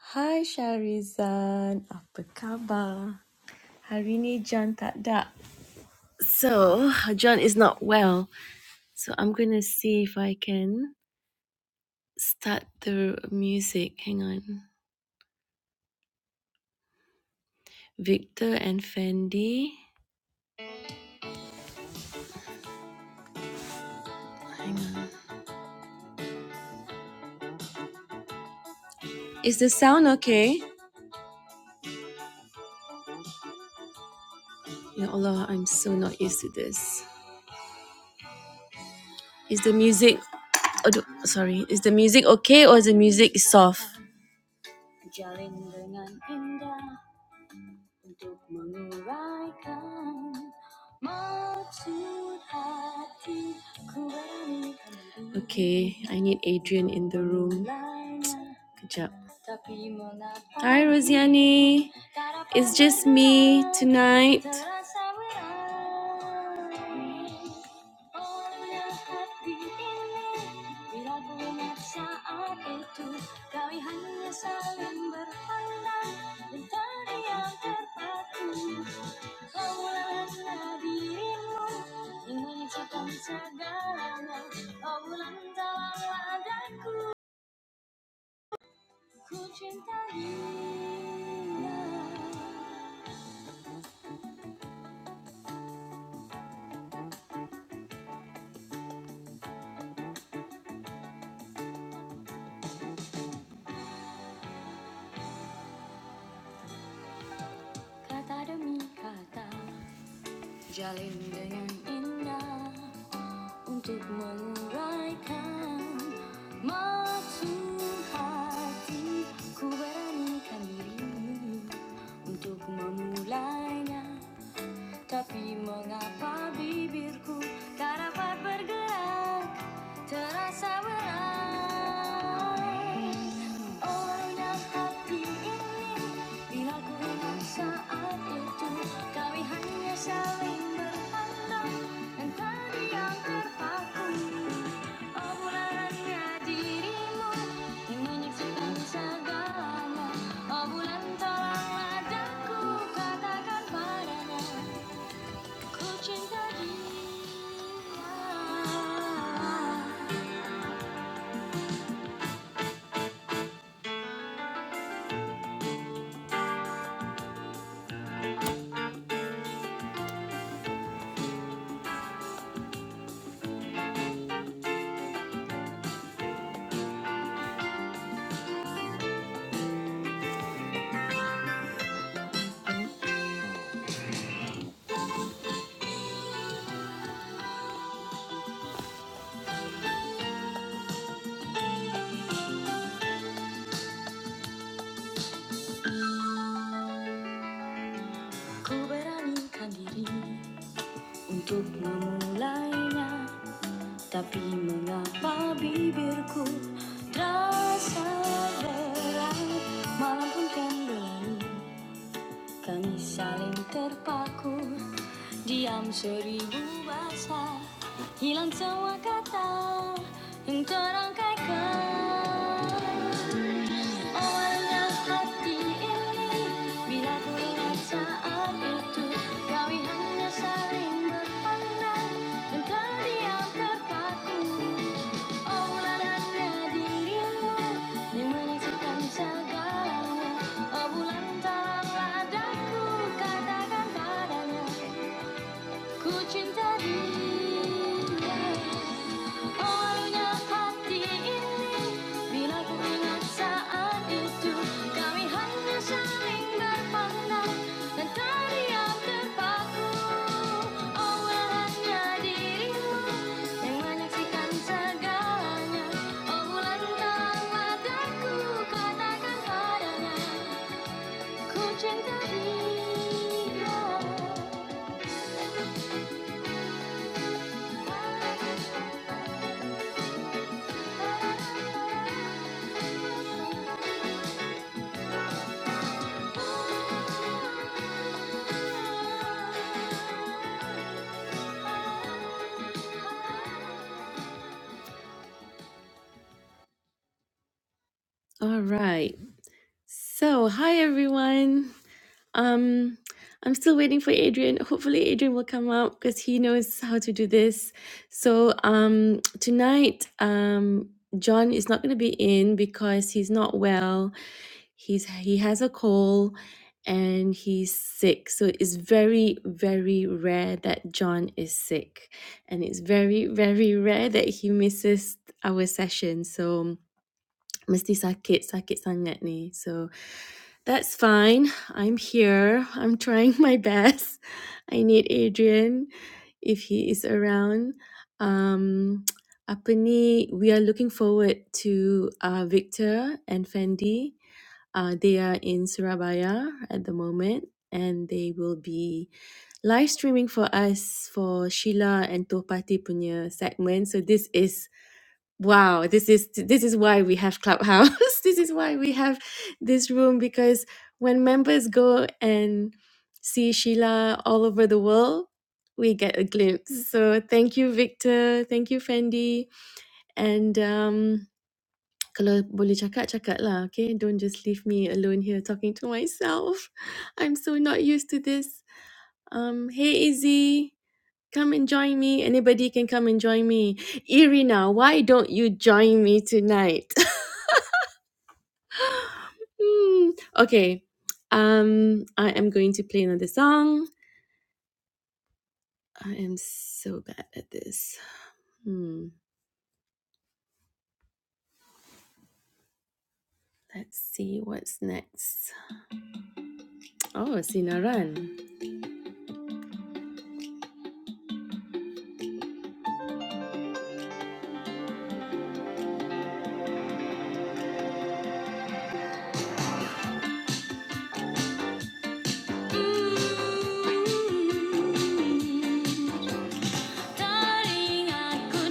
Hai Sharizan, apa khabar? Hari ni John tak ada. So, John is not well. So, I'm going to see if I can start the music. Hang on. Victor and Fendi. Hang on. Is the sound okay? Ya Allah, I'm so not used to this. Is the music... Aduh, sorry. Is the music okay or is the music soft? Jalin dengan indah. untuk menguraikan maksud hati Okay, I need Adrian in the room. Kejap. Tapi Hi Rosiani, it's just me tonight. Oleh hati ini Bila benar saat itu Kami hanya saling berpandang Dan terdiam terpaku Kaulah dirimu Yang menyucikan segalanya Kau bulan tawang daku Ku cintainya Kata demi kata Jalin dengan indah untuk menguraikan maksud hati ku beranikan dirimu untuk memulainya tapi mengapa bibirku tak dapat bergerak terasa berat oh yang hati ini Bila ku ingat saat itu Kami hanya saling berpandang Dan tadi yang terpaku Obrolannya dirimu Yang menyaksikan segalanya Oh bulan tolonglah daku Katakan padanya Ku cinta dia Ku beranikan diri Untuk memulainya Tapi mengapa bibirku ko Terasa berat Malam pun kan berlalu Kami saling terpaku Diam seribu bahasa Hilang semua kata Yang terangkaikan Awalnya hati ini Bila ku ingat saat itu Kami hanya saling berpandang Dan terdiam terpaku Obulanan dirimu Dimensikan segalanya Oh bulan tolong ladaku Katakan padanya Kucinta Orangnya hati ini Bila ku ingat saat itu Kami hanya saling berpandang Dan terdiam terpaku Allah hanya dirimu Yang menyaksikan segalanya Oh bulan mataku Katakan padanya Ku cinta dia All right. So, hi everyone. Um, I'm still waiting for Adrian. Hopefully, Adrian will come out because he knows how to do this. So, um, tonight, um, John is not going to be in because he's not well. he's he has a cold and he's sick so it's very very rare that john is sick and it's very very rare that he misses our session so mesti sakit sakit sangat ni so that's fine i'm here i'm trying my best i need adrian if he is around um apa ni we are looking forward to uh, victor and fendi uh, they are in Surabaya at the moment, and they will be live streaming for us for Sheila and Topati punya segment. So this is wow. This is this is why we have Clubhouse. this is why we have this room because when members go and see Sheila all over the world, we get a glimpse. So thank you, Victor. Thank you, Fendi, and. Um, Kalau boleh cakap, cakap lah, okay? Don't just leave me alone here talking to myself. I'm so not used to this. Um, hey Izzy, come and join me. Anybody can come and join me. Irina, why don't you join me tonight? Hmm, okay. Um, I am going to play another song. I am so bad at this. Hmm. Let's see what's next. Oh, Sinaran. Taring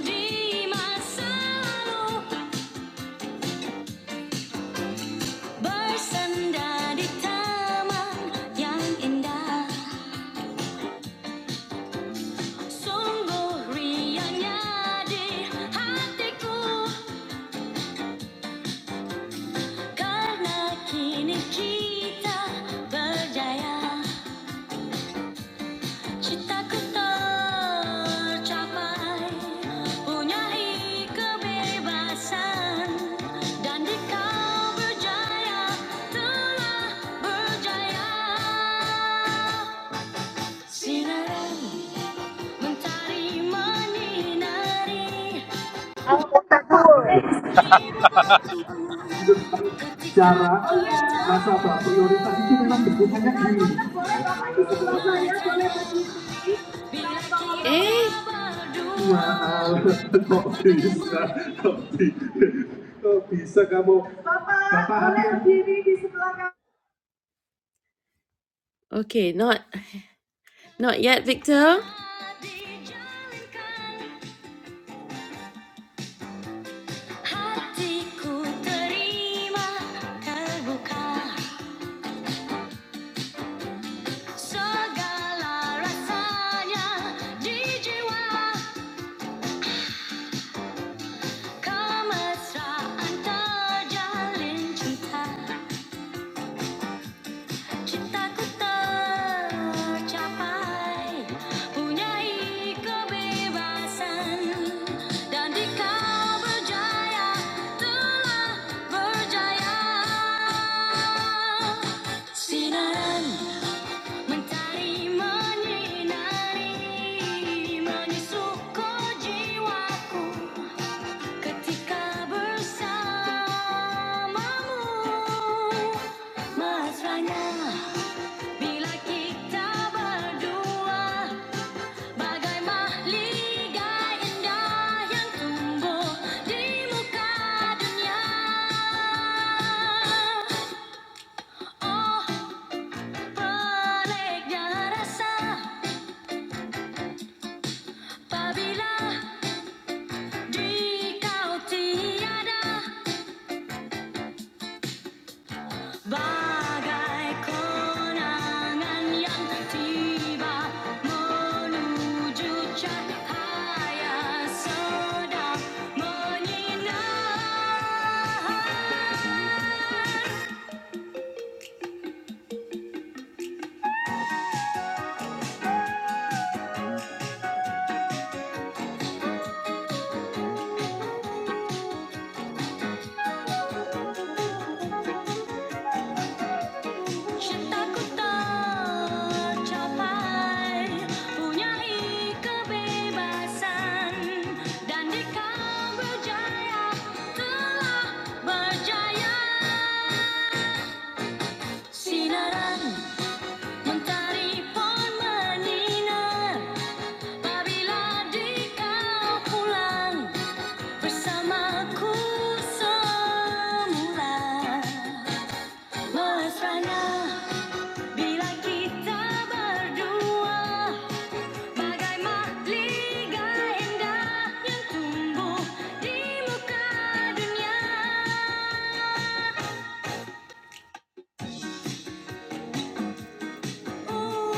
di masa lalu Bersenda di taman yang indah Sungguh riangnya di hatiku Karena kini kita berjaya Cinta ku tercapai punyai kebebasan dan di kau berjaya telah berjaya sinaran mentari menyinari jiwaku ketika cara nasabah prioritas itu memang bentukannya Dengan bersamamu gini boleh Bapak di sebelah saya, boleh matanya berdiri. Kami bila mau kita ngobrol. Eh, berdua maaf kok bisa kok, bi- kok bisa kamu Bapak, Bapak, boleh berdiri di sebelah kami. Okay, not not yet, Victor. 싶다구떠 capai punyai kebebasan dan di berjaya telah berjaya sinaran mentari menyinari menyusup jiwaku ketika bersamamu mesranya Bila kita berdua bagai mahligai indah yang tumbuh di muka dunia. Oh, peliknya rasa apabila di kau tiada. Bagai konangan yang tiba menuju cahaya sedang menyinar. Cintaku tercapai, punyai kebebasan dan di kau berjaya telah berjaya. Sinaran Mentari pun menyinar Apabila di kau pulang Bersamaku semula Mesranya bila kita berdua Bagai mahligai indah Yang tumbuh di muka dunia Uh.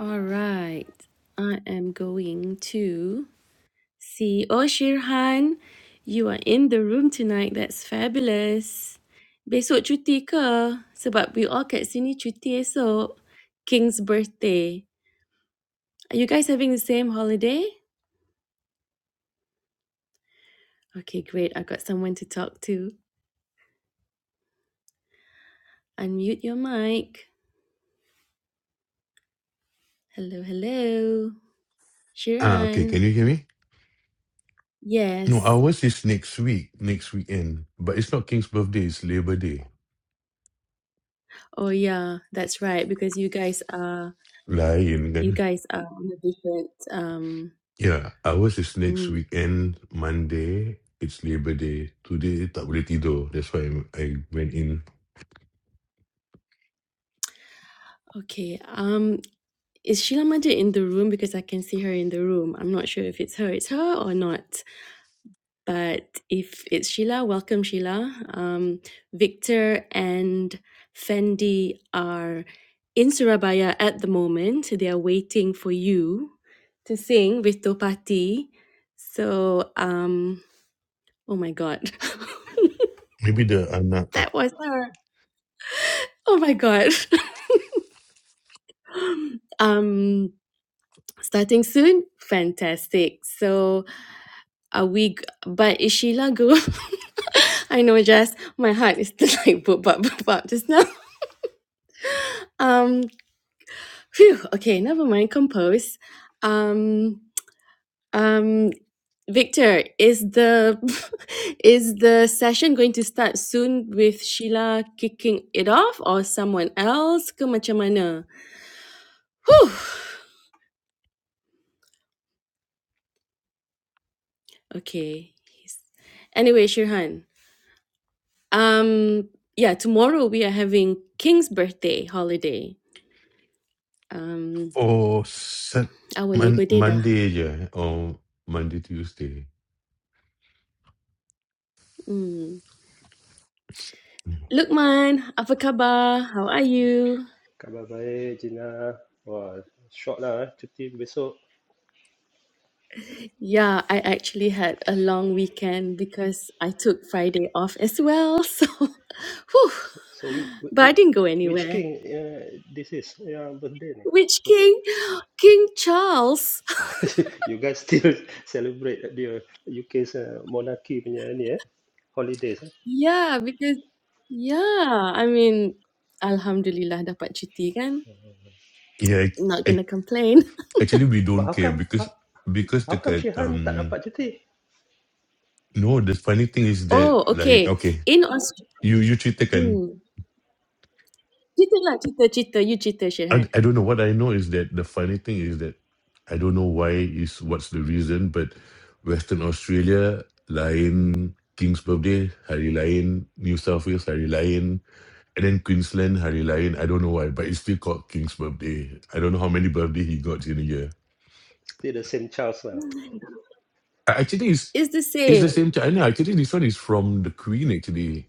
All right, I am going to see. Oh, Shirhan, you are in the room tonight. That's fabulous. Besok cuti ke? Sebab we all kat sini cuti esok. King's birthday. Are you guys having the same holiday? Okay, great. I've got someone to talk to. Unmute your mic. Hello, hello. Ah, okay. Shirhan. Can you hear me? No, Yes. ours is next week, next weekend. But it's not King's birthday, it's Labor Day. Oh yeah, that's right. Because you guys are Lain you kan? guys are on a different um Yeah, ours is next mm. weekend, Monday. It's Labor Day. Today tak boleh tidur. That's why I'm- I went in. okay. Um is Sheila Majid in the room? Because I can see her in the room. I'm not sure if it's her. It's her or not. But if it's Sheila, welcome Sheila. Um, Victor and Fendi are in Surabaya at the moment. They are waiting for you to sing with Topati. So, um, oh my God, Maybe the anak that was her. Oh my God. um, starting soon. Fantastic. So, are we? g- But is Sheila go? I know, Jess. My heart is like boop, boop, boop, boop just now. Um. Phew, okay, never mind. Compose. Um, um, Victor, is the is the session going to start soon with Sheila kicking it off or someone else? Ke macam mana? Whew. Okay. Anyway, Shirhan. Um, yeah, tomorrow we are having King's birthday holiday. Um, for sat our mon, Labor Day dah. Monday je eh? or Monday Tuesday. Mm. Mm. Lukman, apa khabar? How are you? Khabar baik, Gina. Wah, short lah eh, cuti besok. Yeah, I actually had a long weekend because I took Friday off as well. So, whew, So, so which, but I which, didn't go which anywhere. king uh, this is yang birthday ni? Which king? King Charles. you guys still celebrate the UK's uh, monarchy punya ni eh, holidays eh. Yeah, because yeah, I mean, alhamdulillah dapat cuti kan. Yeah, I, Not I, gonna complain. actually we But don't how care come, how, because because how the come Shehan tak um dapat cuti? no the funny thing is that Oh, like okay. okay In you you ceritakan Australia. Cerita lah cerita cerita you cerita I, Syedhan I don't know. What I know is that the funny thing is that I don't know why is what's the reason, but Western Australia lain King's birthday hari lain, New South Wales hari lain, and then Queensland hari lain. I don't know why, but it's still called King's birthday. I don't know how many birthday he got in a year. Still the same Charles lah. I actually it's It's the it's the same same China. Actually, this one is from the Queen. Actually,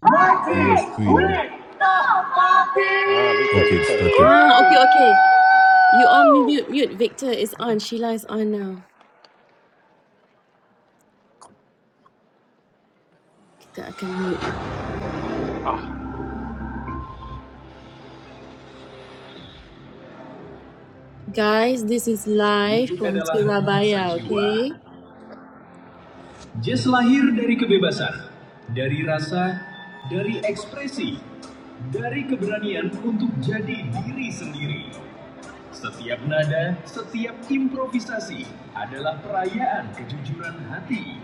it was Queen. Wito Pati. Ah, Victor, Okay, it Victor. started. ah, Okay okay You all mute mute Victor is on Sheila is on now Kita akan mute Guys this is live Musik from adalah bahasa Surabaya jiwa. okay Jazz lahir dari kebebasan, dari rasa, dari ekspresi, dari keberanian untuk jadi diri sendiri. Setiap nada, setiap improvisasi adalah perayaan kejujuran hati.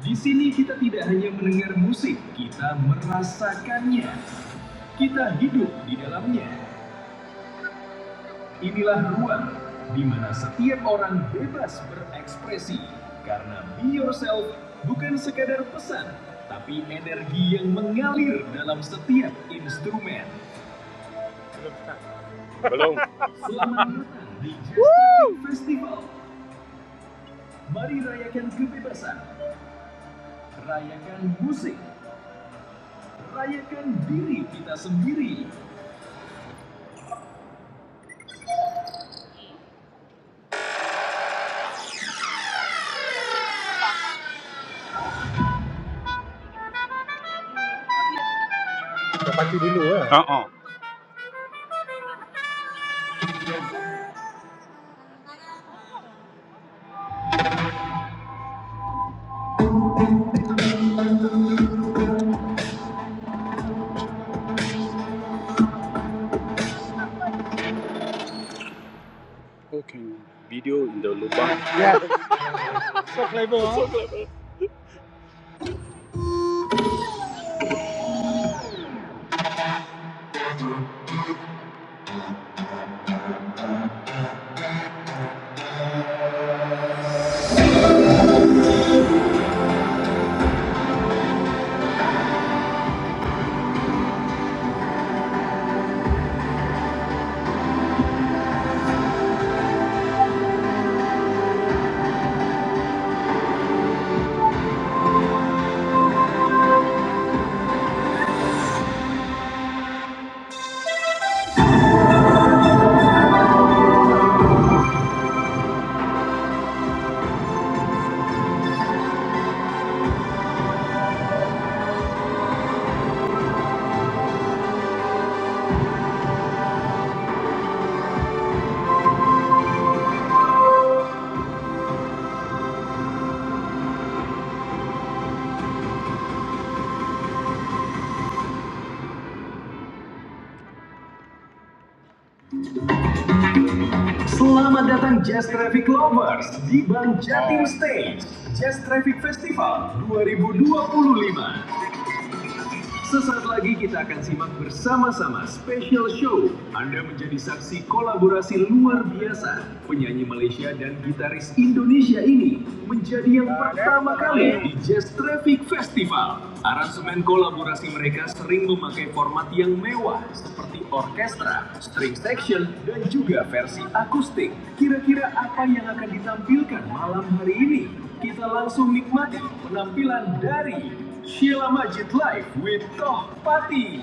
Di sini kita tidak hanya mendengar musik, kita merasakannya. Kita hidup di dalamnya. Inilah ruang di mana setiap orang bebas berekspresi karena Be Yourself bukan sekadar pesan, tapi energi yang mengalir dalam setiap instrumen. Selamat datang di Justin Festival. Mari rayakan kebebasan, rayakan musik, rayakan diri kita sendiri. Selamat datang Jazz Traffic Lovers di Bank Jatim Stage Jazz Traffic Festival 2025. Sesaat lagi kita akan simak bersama-sama special show. Anda menjadi saksi kolaborasi luar biasa. Penyanyi Malaysia dan gitaris Indonesia ini menjadi yang pertama kali di Jazz Traffic Festival. Aransemen kolaborasi mereka sering memakai format yang mewah seperti orkestra, string section, dan juga versi akustik. Kira-kira apa yang akan ditampilkan malam hari ini? Kita langsung nikmati penampilan dari Sheila Majid Live with Tohpati.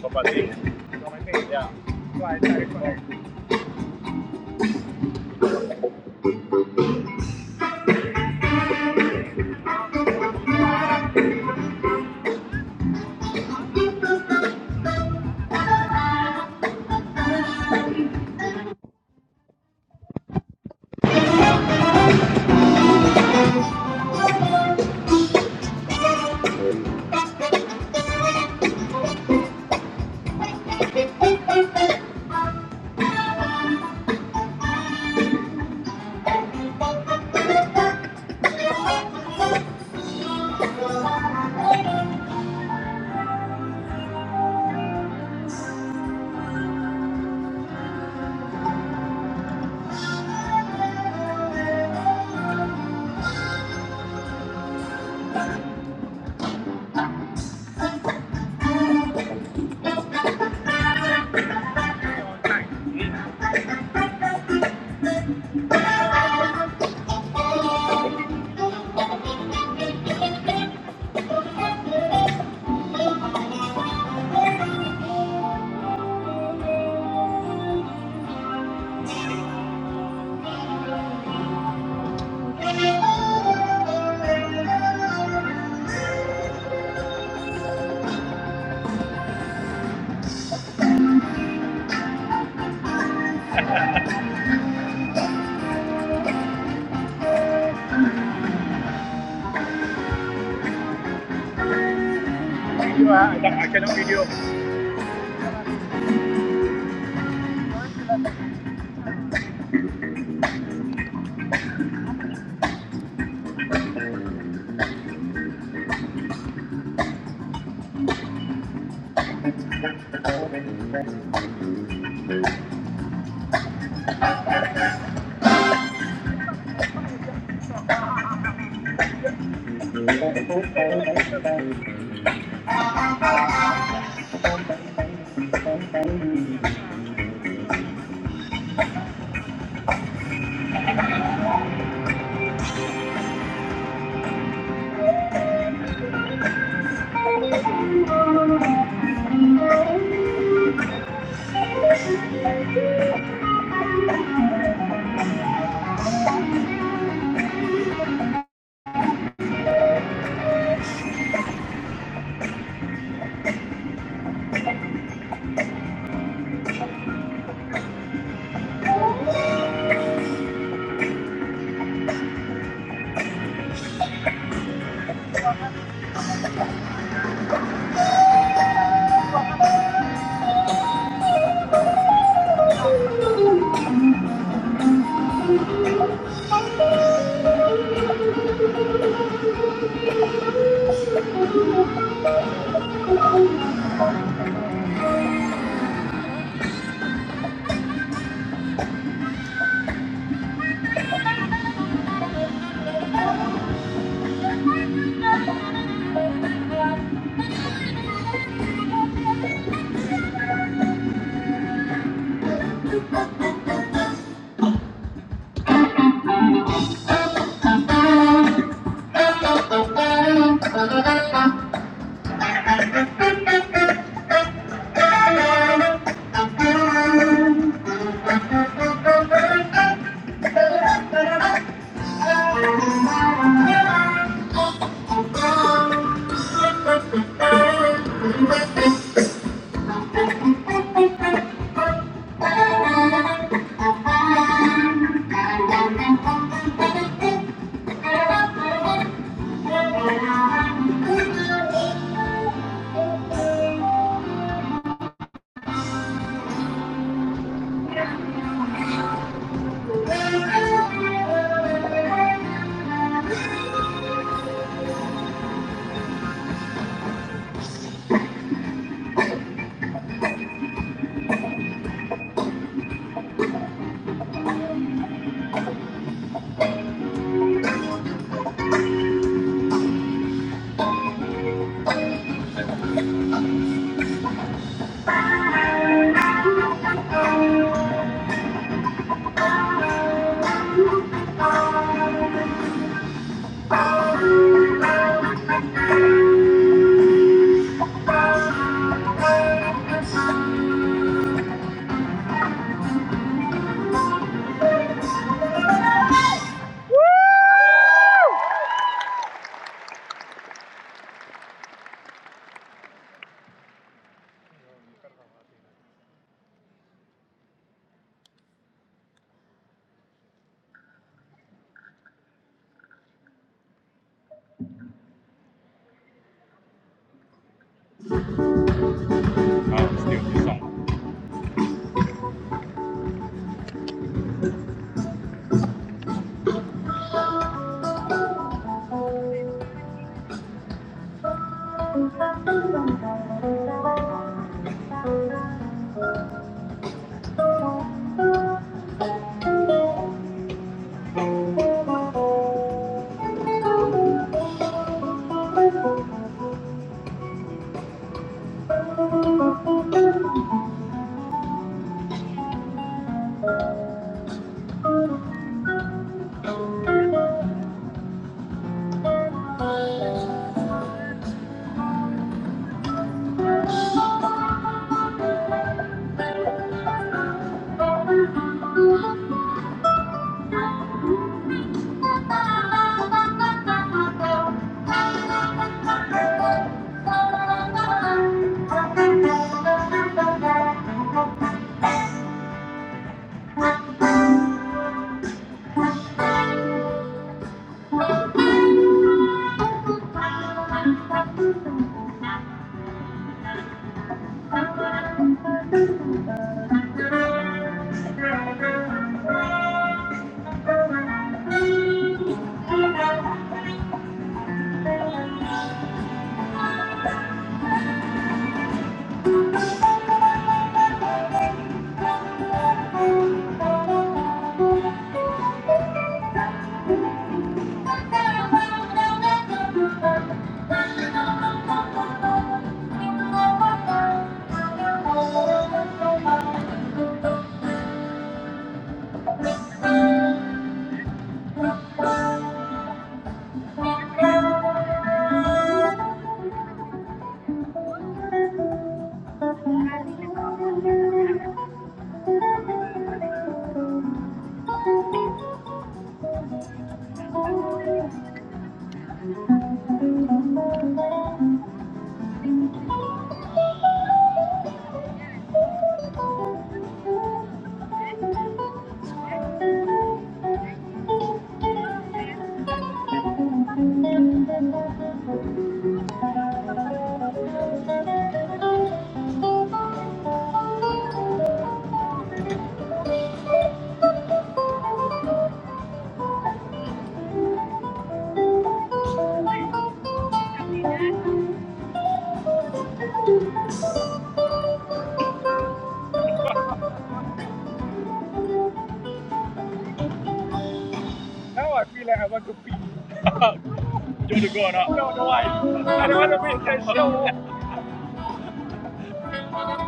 Pati. Pati. ya. Thank Thank you. Thank you. Thank you. সরপটারি. সরসাকে"... Now I feel like I want to pee Don't go on the ground. No, no, I, I don't want to pee. Thank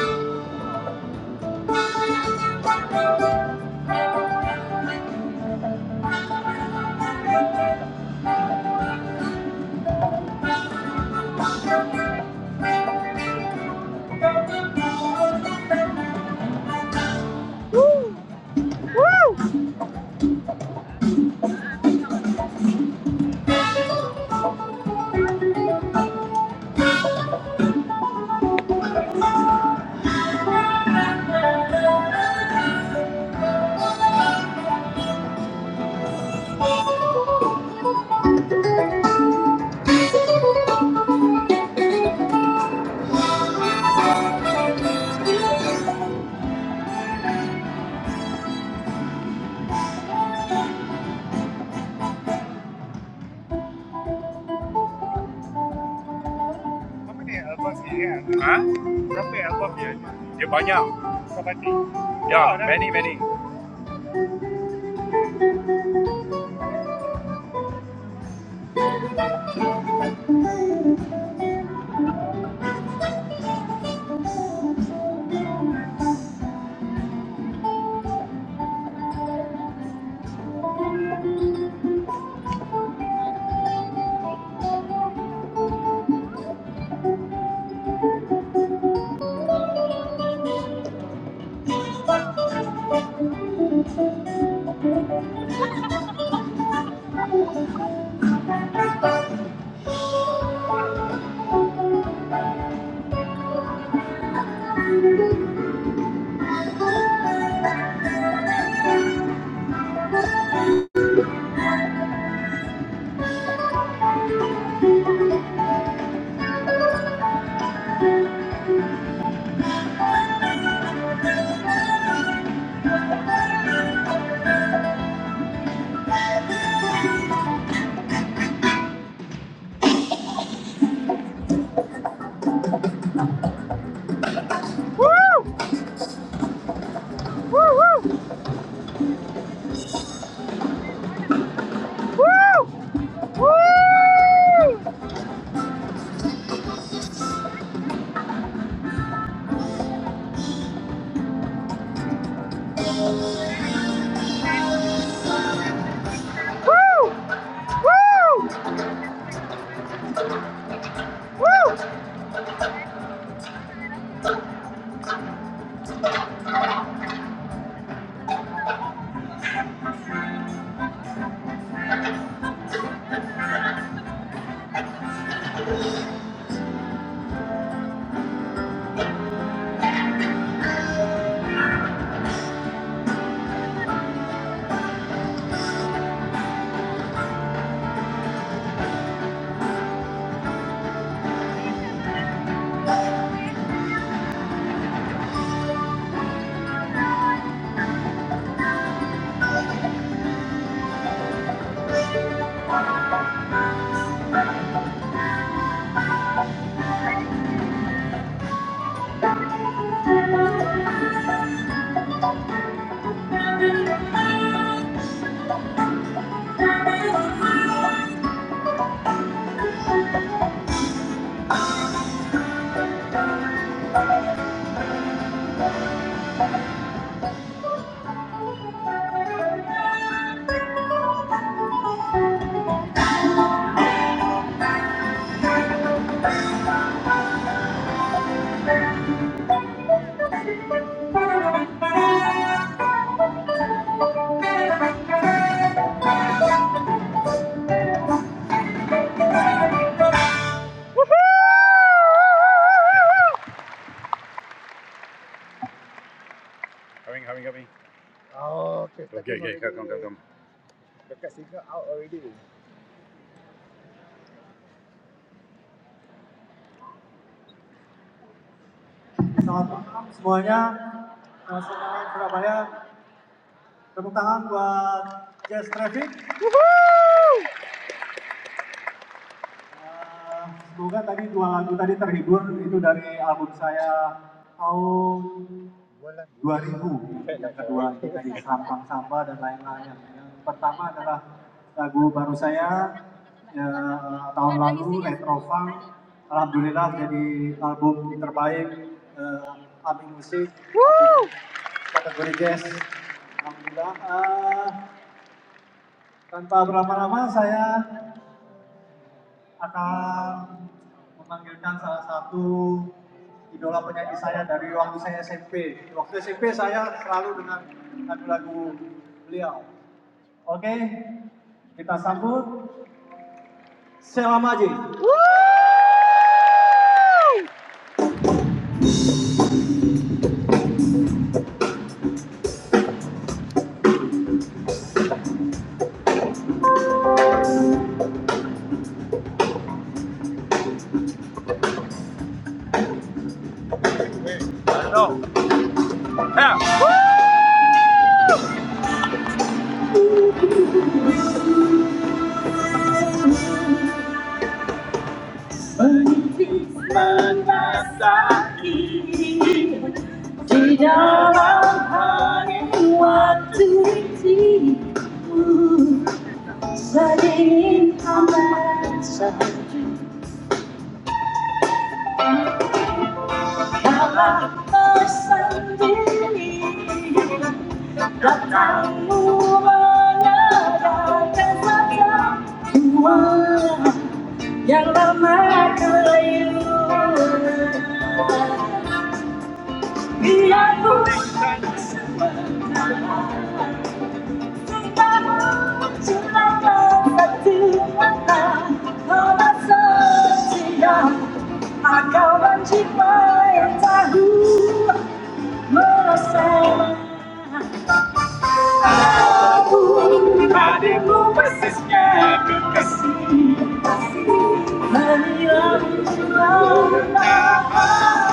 you. Berapa ya albumnya? Ya, Benny. Terima Okay, okay, okay. No. Yang lama kelayu vì ai cũng đang chúng ta muốn chúng ta có thật tin ta nó đã rơi chỉ đau mà cao vẫn chỉ mãi ta hú mơ là sao mà đi lắm lắm đã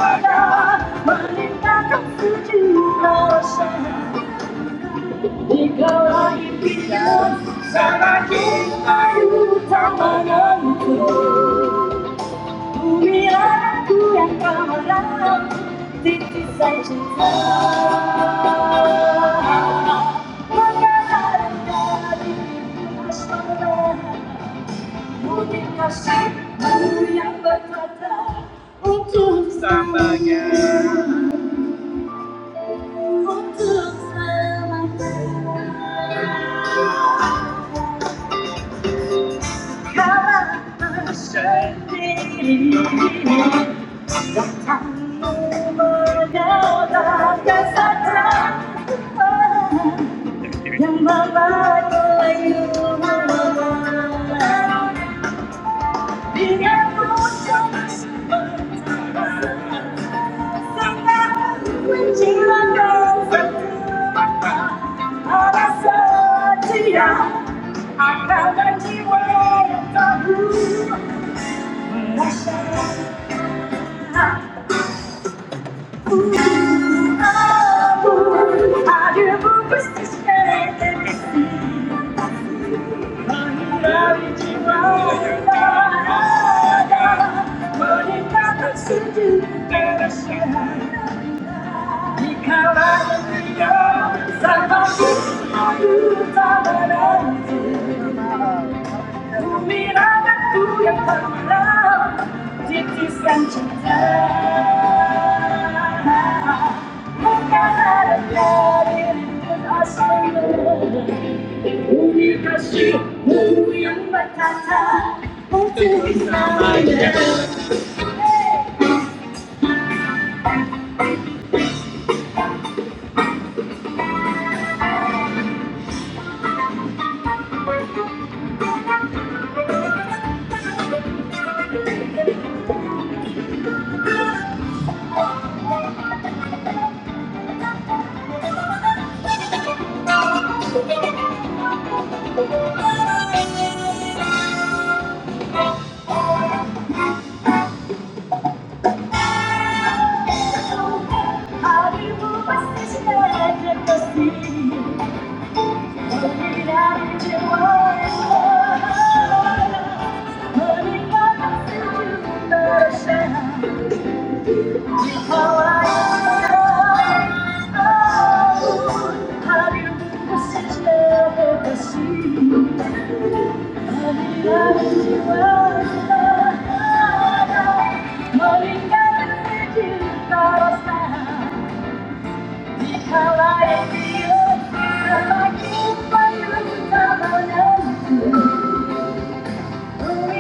đã mà nên ta khóc cứ chỉ là sẽ gọi ta yêu ta mà ngân cười yang yang kemalam titisan cinta. selamanya. selamanya. untuk selamanya Untuk Samanya Thank you. Mira que tú ya caminabas, te desenchantas. Nunca haré bien en tu aspecto. Mi pasión muy embatada, por tu vida. Arriba vas a estar de ti Thank you. Thank you. Thank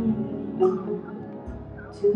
you. Thank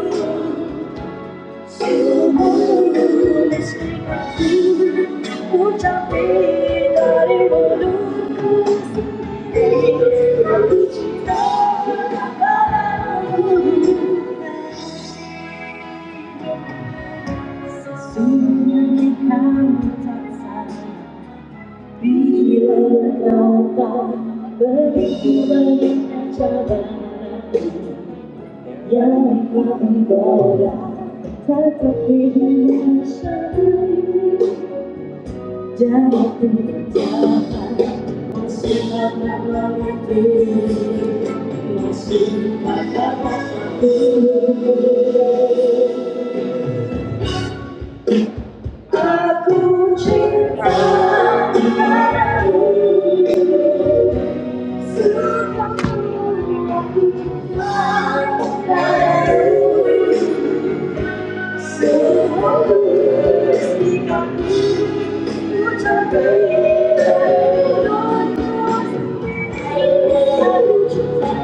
you. Thank you. Selamat malam Surabaya.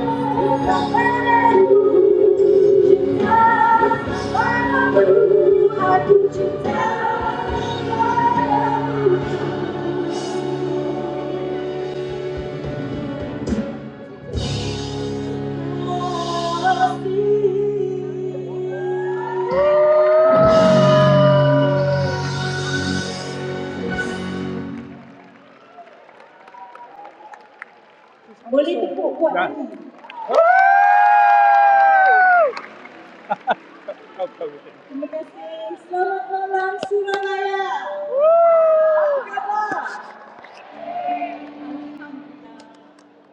Apa?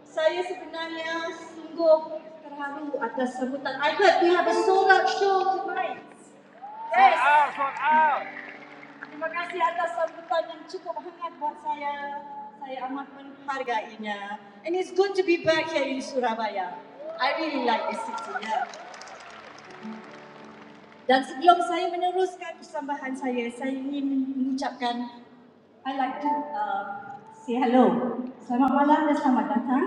Saya sebenarnya sungguh terharu atas sambutan. I heard we have a sold out show tonight. Terima kasih atas sambutan yang cukup hangat buat saya. Saya amat menghargainya. And it's good to be back here in Surabaya. I really like this city. Yeah. Dan sebelum saya meneruskan persembahan saya, saya ingin mengucapkan I like to uh, say hello. Selamat malam dan selamat datang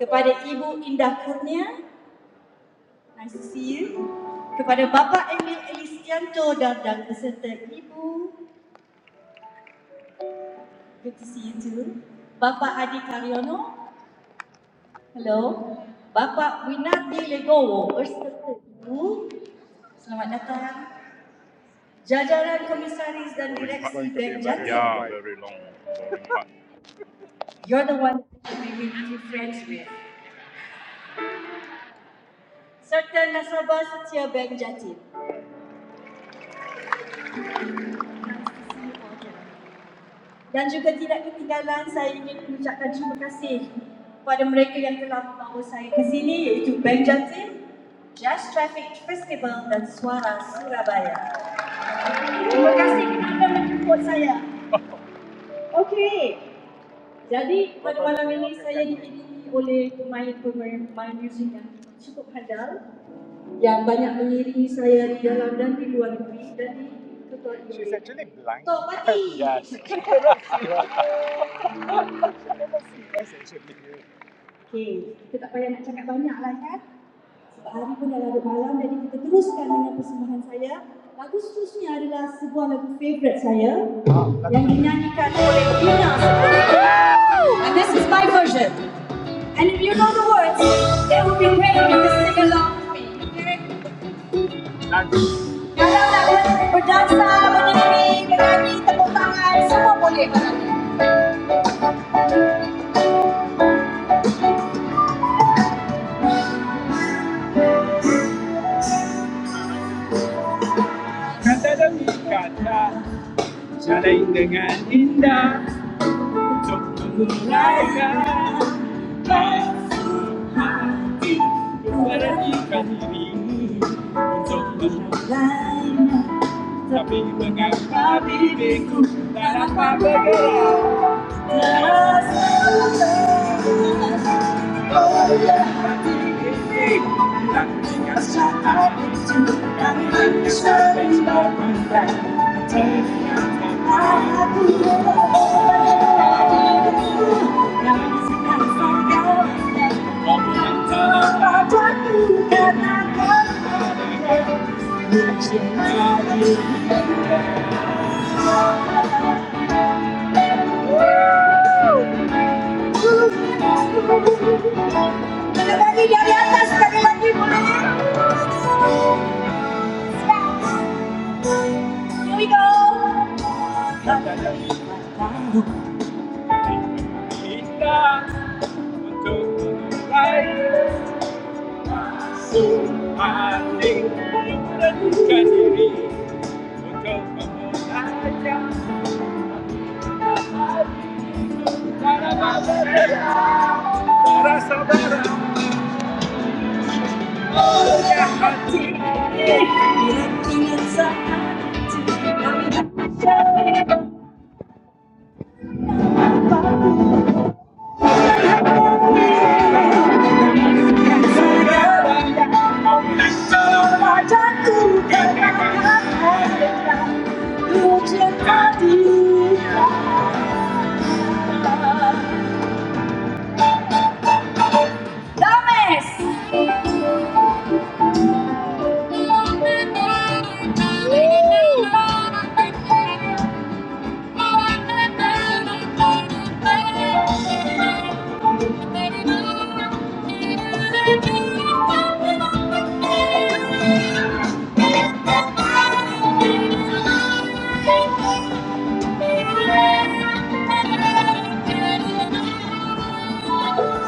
kepada Ibu Indah Kurnia. Nice to see you. Kepada Bapa Emil Elistianto dan, dan peserta Ibu. Good to see you too. Bapa Adi Karyono Hello, Bapa Winardi Legowo berserta Ibu. Selamat datang. Jajaran komisaris dan direksi Bank Jatim. Yeah. You're the one that we will be friends with. Serta nasabah setia Bank Jatim. Dan juga tidak ketinggalan saya ingin mengucapkan terima kasih kepada mereka yang telah membawa saya ke sini iaitu Bank Jatim, Jazz Traffic Festival dan Suara Surabaya. Terima kasih kerana menjemput saya. Okey, Jadi pada malam ini saya dipilih oleh pemain pemain muzik yang She's actually blind. Tok Pati. yes, actually. And if you know the words, it would be great if you can sing along with me. Okay? Kalau nak berdansa, bernyanyi, menyanyi, tepuk tangan, semua boleh malam ni. Kata demi kata Saling dengan indah Laikan berhentikan Habibinku Sekali lagi dari atas, sekali lagi boleh. Here we go. Pandang, pandangkan diri, Yes.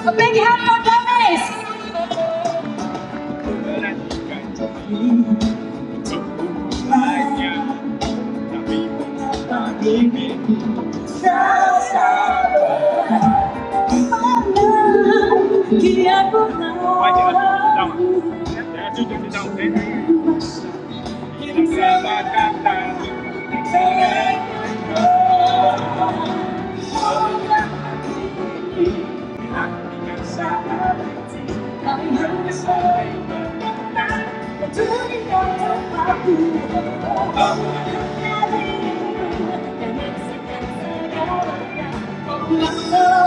A big hand for Dennis. quay trở lại phía trong à, chương trình phía trong đến hai lần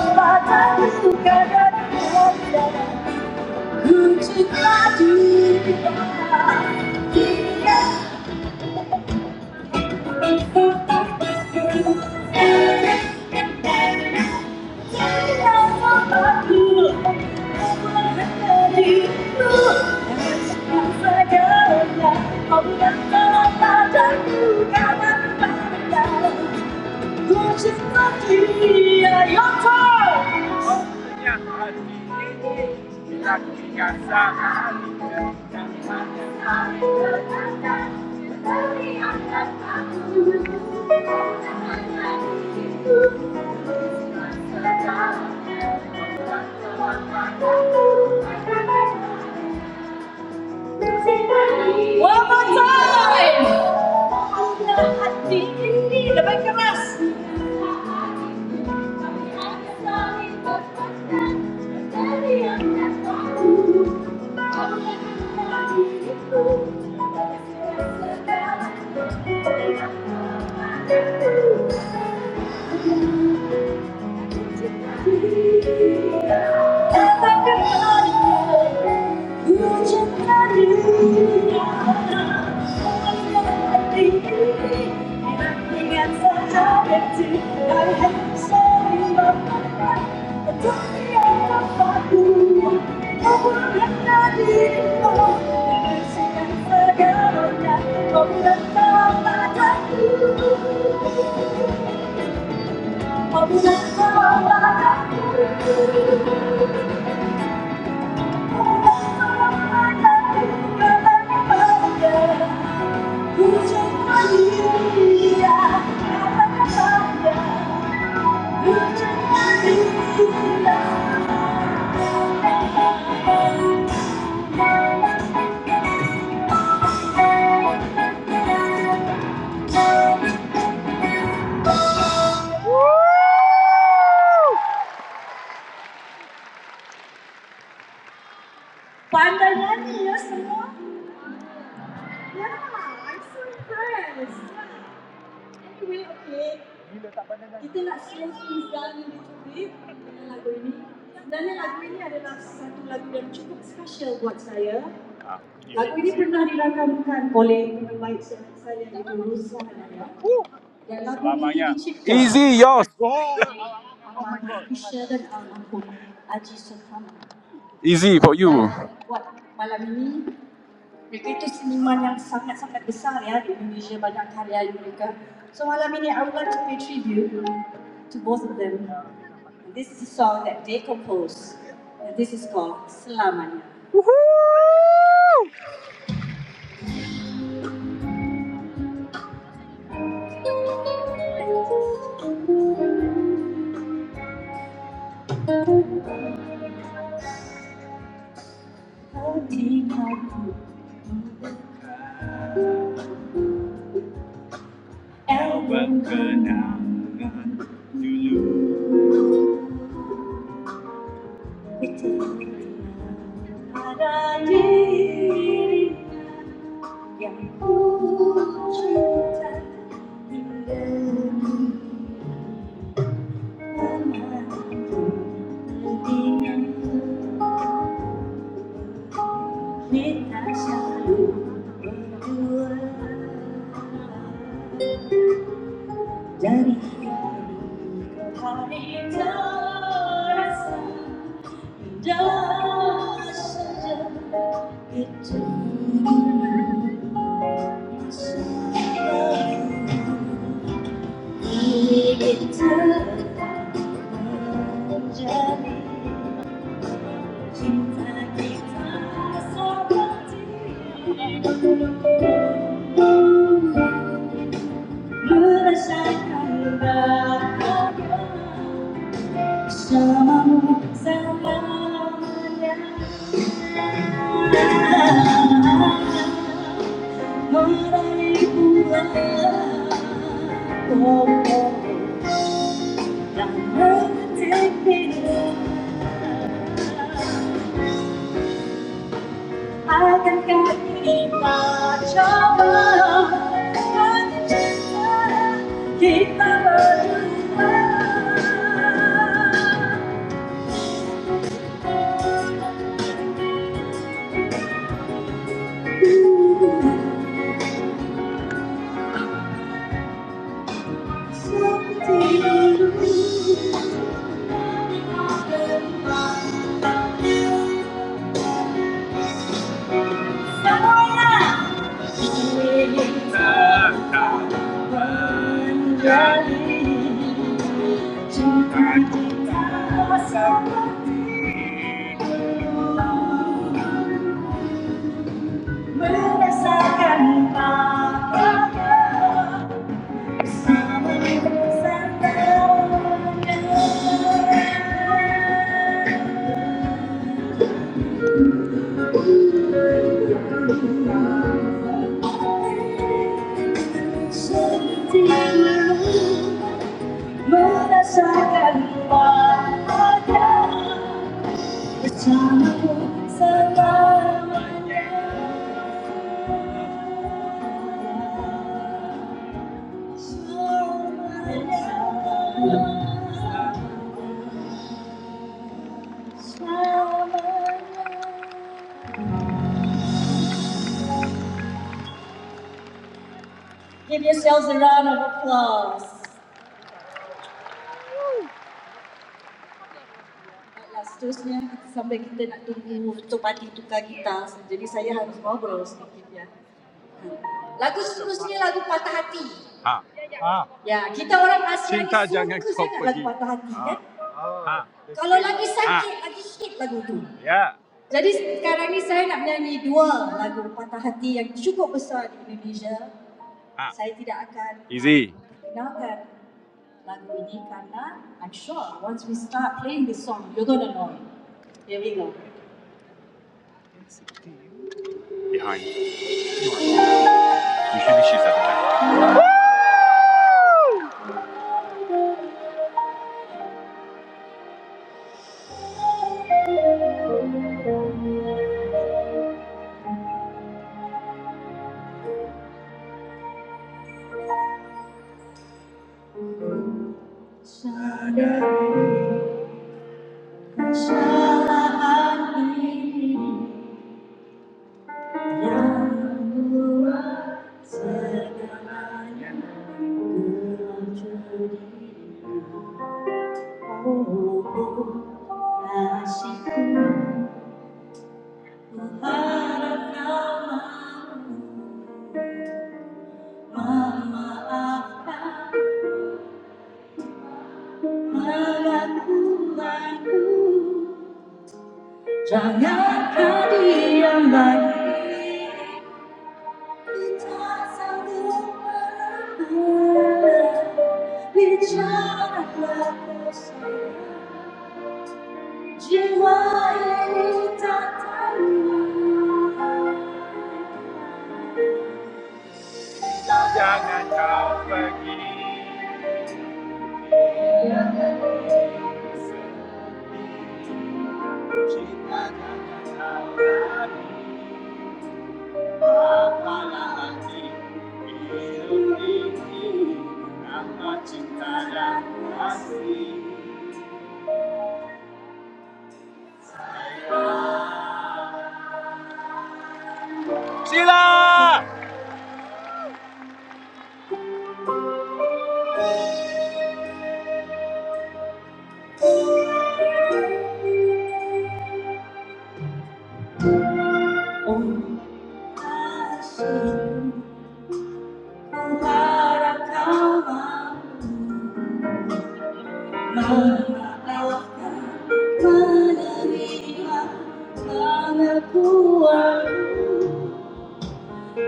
là ba Your turn! One more time! Thank you. Hãy subscribe cho kênh Ghiền Mì Gõ để Không bỏ lỡ những Thank you. Kita nak slow Izan little bit dengan lagu ini. Dan lagu ini adalah satu lagu yang cukup special buat saya. Lagu ini pernah dirakamkan oleh teman saya di Rusa Selamanya. Easy. Isya dan almarhum Buat malam ini mereka itu seniman yang sangat-sangat besar ya di Indonesia banyak karya mereka. So malam ini I would like to pay tribute to both of them. This is a song that they composed. This is called Selamanya. Di hati elok itu ada diri yang ku cinta Take me Akankah kita coba mencinta kita berdua seperti dulu? Semuanya merasakan bahagia sama bersama. Seperti dulu. Berdasarkan wajah seterusnya kita, sampai kita nak tunggu Tok Pati tukar gitar Jadi saya harus ngobrol sedikitnya. Lagu seterusnya lagu Patah Hati Ha. Ha. Ya, kita orang Asia Cinta ni jangan suka kau sangat lagu Patah Hati Ha. kan Ha. Kalau lagi sakit, ha. lagi hit lagu tu Ya. Jadi sekarang ni saya nak menyanyi dua lagu Patah Hati yang cukup besar di Indonesia Ah. Saya tidak akan Easy. perkenalkan lagu ini karena I'm sure once we start playing this song, you're gonna know it. Here we go. Behind. Usually she's at the back.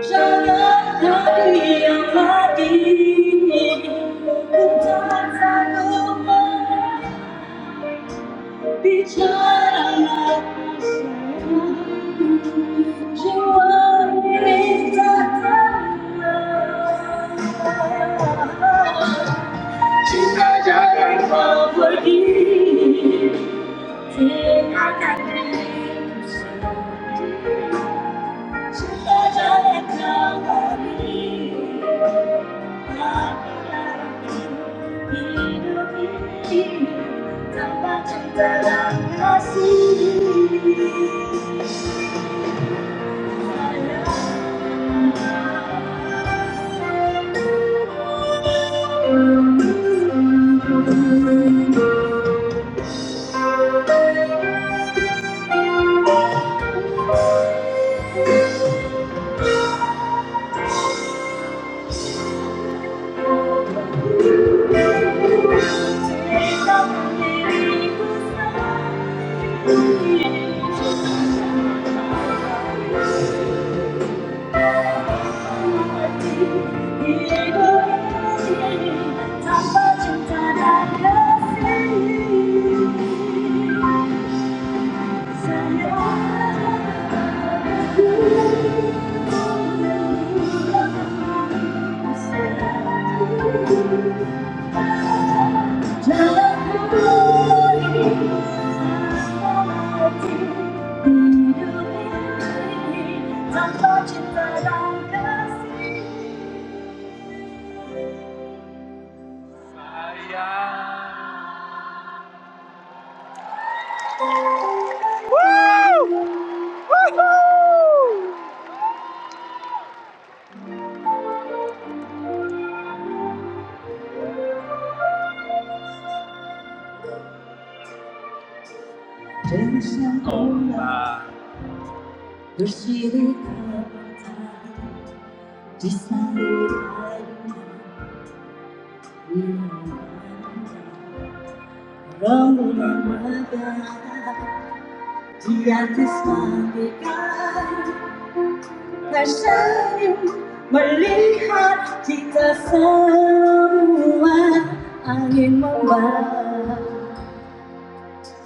Thank you. 사랑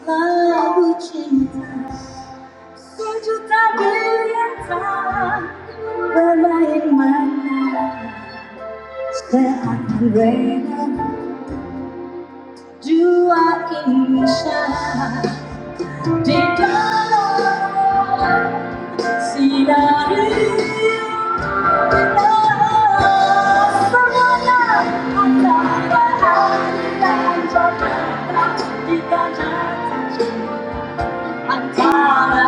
Lagu cinta sejuta biliar tahun bermain mata seakan Do I insha dekara sinaru Antara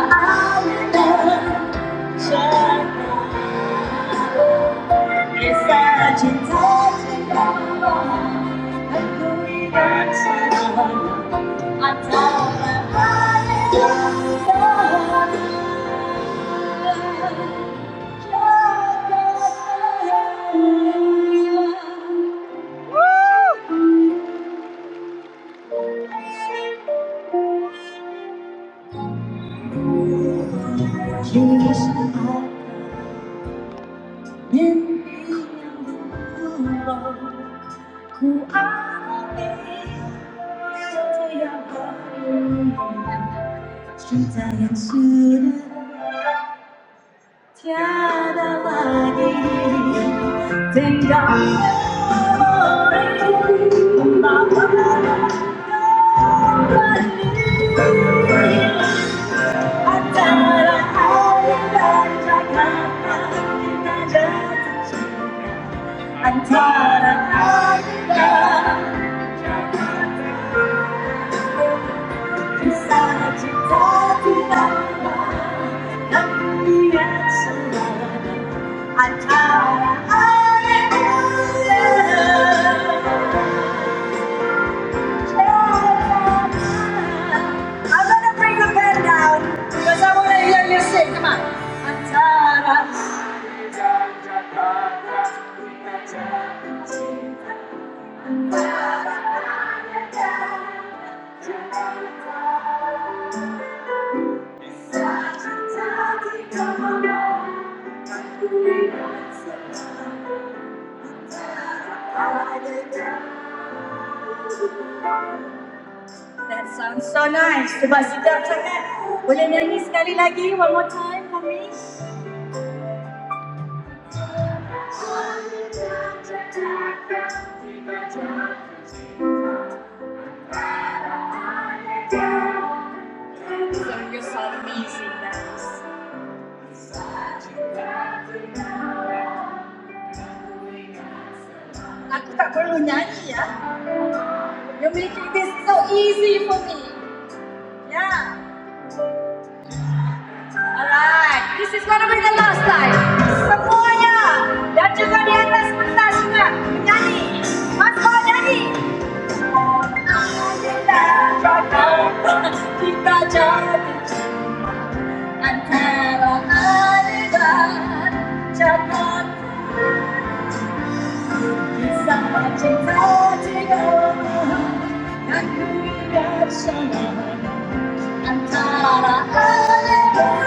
생각해버린마음 I'm tired of all you love. I'm tired of all you love. I'm gonna bring the band down because I wanna hear you sing. Come on. I'm tired of- That sounds so nice. Coba Sita cakap. Boleh nyanyi sekali lagi? One more time for me. Aku tak perlu nyanyi. Saya dan juga di atas pentas juga menyanyi. Mas Bo nyanyi. Kita jatuh, kita jatuh antara adegan jatuh kisah cinta tiga dan ku bersama antara adegan.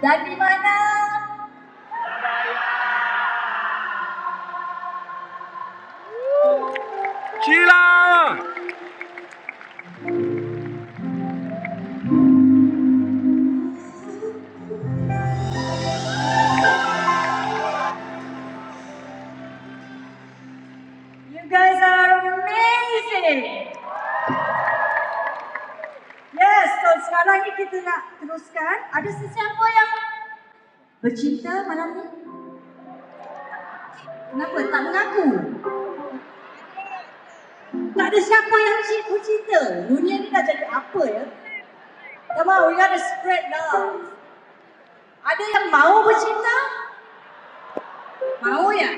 Dari mana? You guys are amazing. Yes, so sekarang ni kita nak teruskan. Ada sesiapa yang bercinta malam ni? Kenapa tak mengaku? Tak ada siapa yang ci- bercinta. Dunia ni dah jadi apa ya? Come on, we gotta spread love. Ada yang mau bercinta? Mau ya?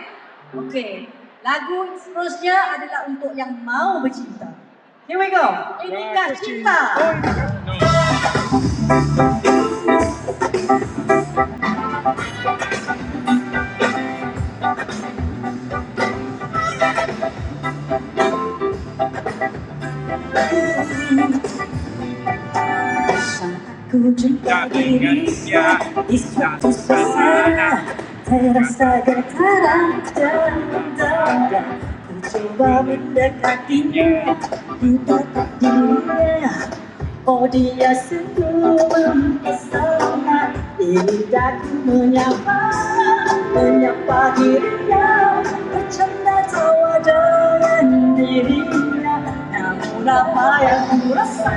Okay. Lagu seterusnya adalah untuk yang mau bercinta. Here we go. Ini kan cinta. Dalingansia, Dasana, Katinya, Dia sebelum ke sana Lidahku menyapa Menyapa dirinya Bercanda tawa yang ku rasa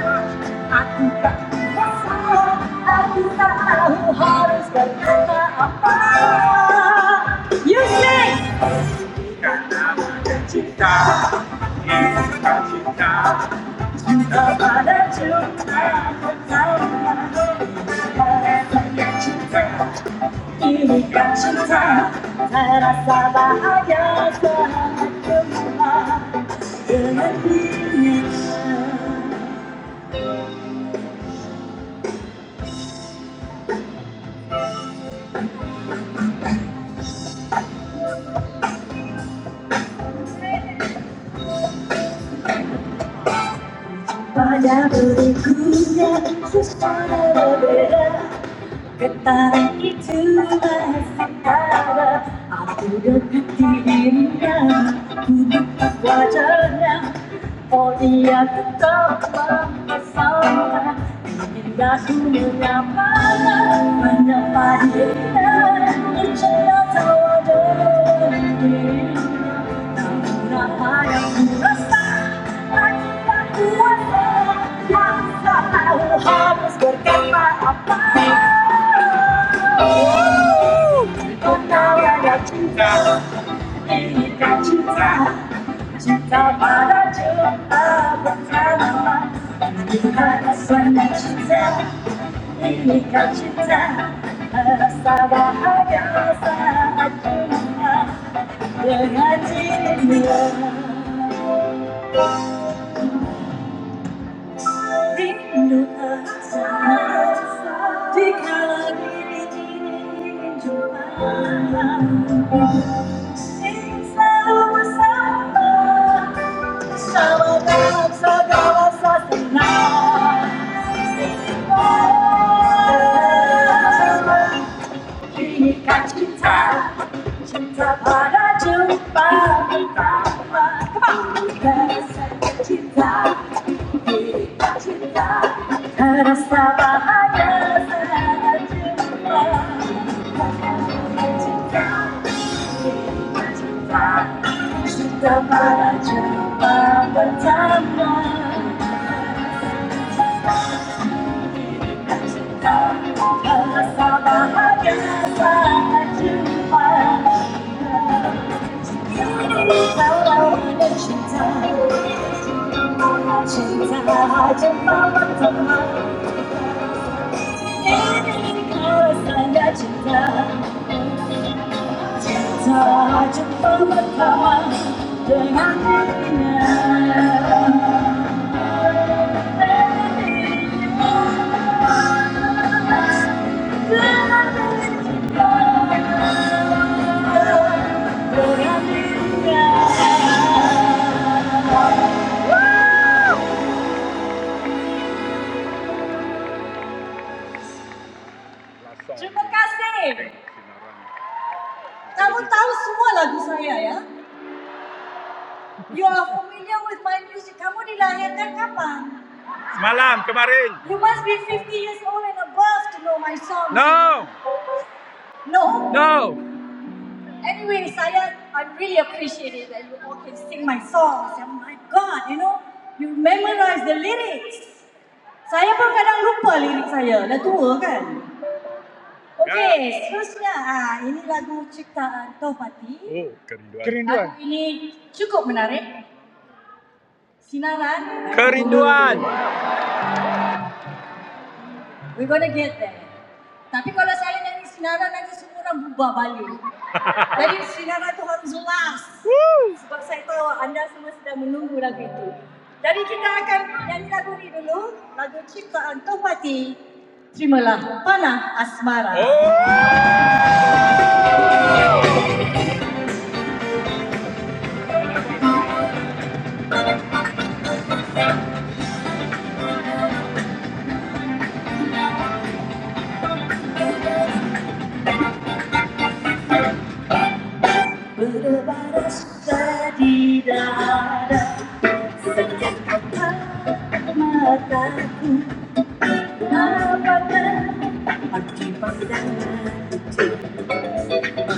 Ini kan cinta Pada diriku secara berbeda Getaran itu masih ada Aku dekat dirinya Ku dekat wajahnya Oh dia tetap memesona Ingin aku menyapa Menyapa dia Bercerita tawa dirinya harus berkata apa ada cinta Inikah cinta Cinta pada cinta bersama Dimana sana cinta Inikah cinta Rasa bahagia saat jumpa dengan cinta Rindu tak terasa Dikala diri ini jumpa Ingin selalu bersama Bersama dalam segala suasana Ini kan cinta Cinta pada jumpa pertama Kembang Cinta Cinta terasa bahagia saat jumpa cinta kita cinta cinta pada jumpa pertama Cinta terasa bahagia saat jumpa kalau ada cinta cinta jumpa pertama cinta Tak jumpa bertemu dengan dirinya. Terima kasih. Kamu tahu semua lagu saya ya. You are familiar with my music. Kamu dilahirkan kapan? You must be fifty years old and above to know my songs. No, No? no. Anyway, Saya, I'm really appreciative that you all can sing my songs. Oh my God, you know, you memorize the lyrics. Saya pun kadang lupa lirik saya, dah tua kan. Okey, Ya. seterusnya ah, ini lagu ciptaan Taufati. Oh, kerinduan. Kerinduan. Lagu ini cukup menarik. Sinaran. Kerinduan. We're gonna get there. Tapi kalau saya nyanyi sinaran nanti semua orang bubar balik. Jadi sinaran tu harus last. sebab saya tahu anda semua sedang menunggu lagu itu. Jadi kita akan nyanyi lagu ini dulu, lagu ciptaan Topati. Terimalah Panah Asmara. Oh. Berbaras di dada kata Dapatkan arti pandangan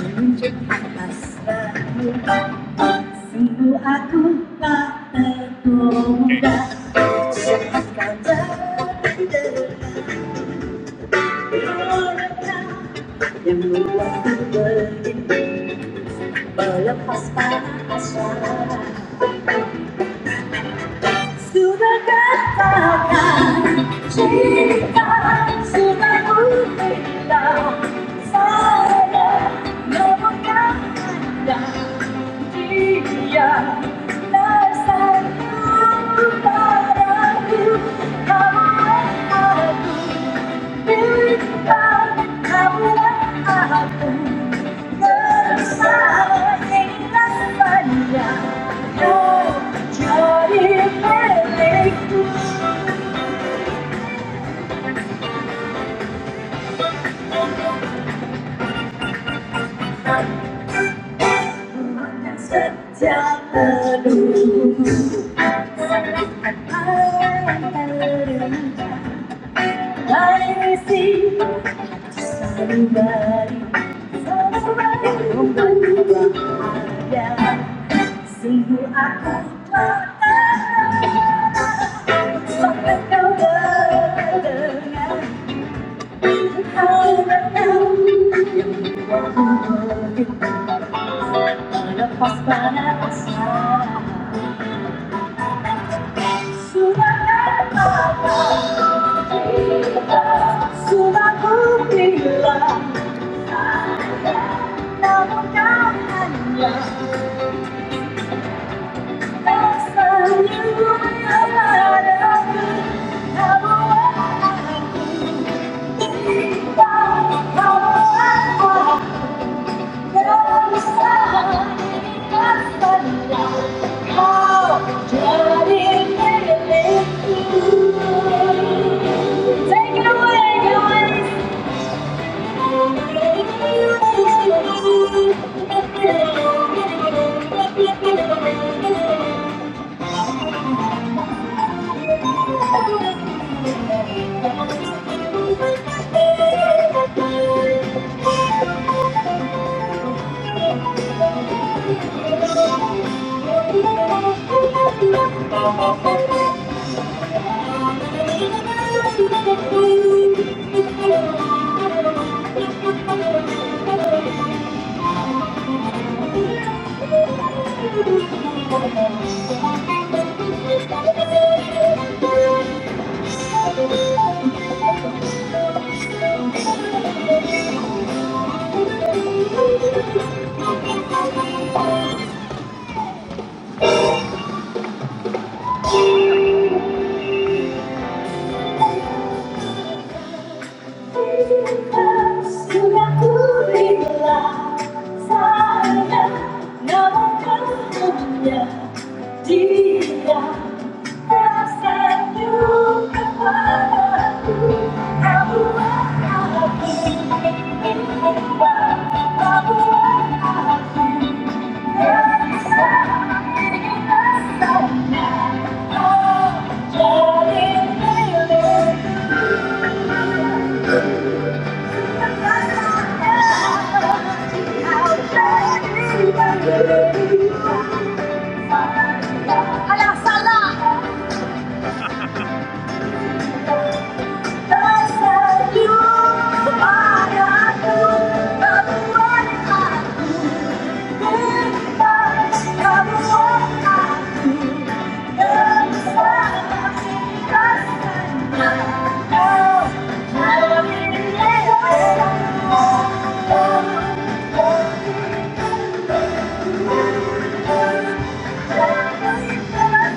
Menunjuk atas Dasar kamu padaku Kamu aku Bintang kamu kamulah aku Bersama Take it away, guys. ご視聴ありがとうございました。Thank you. Alah salah Tersenyum padaku Keluar aku Bebas Tepukan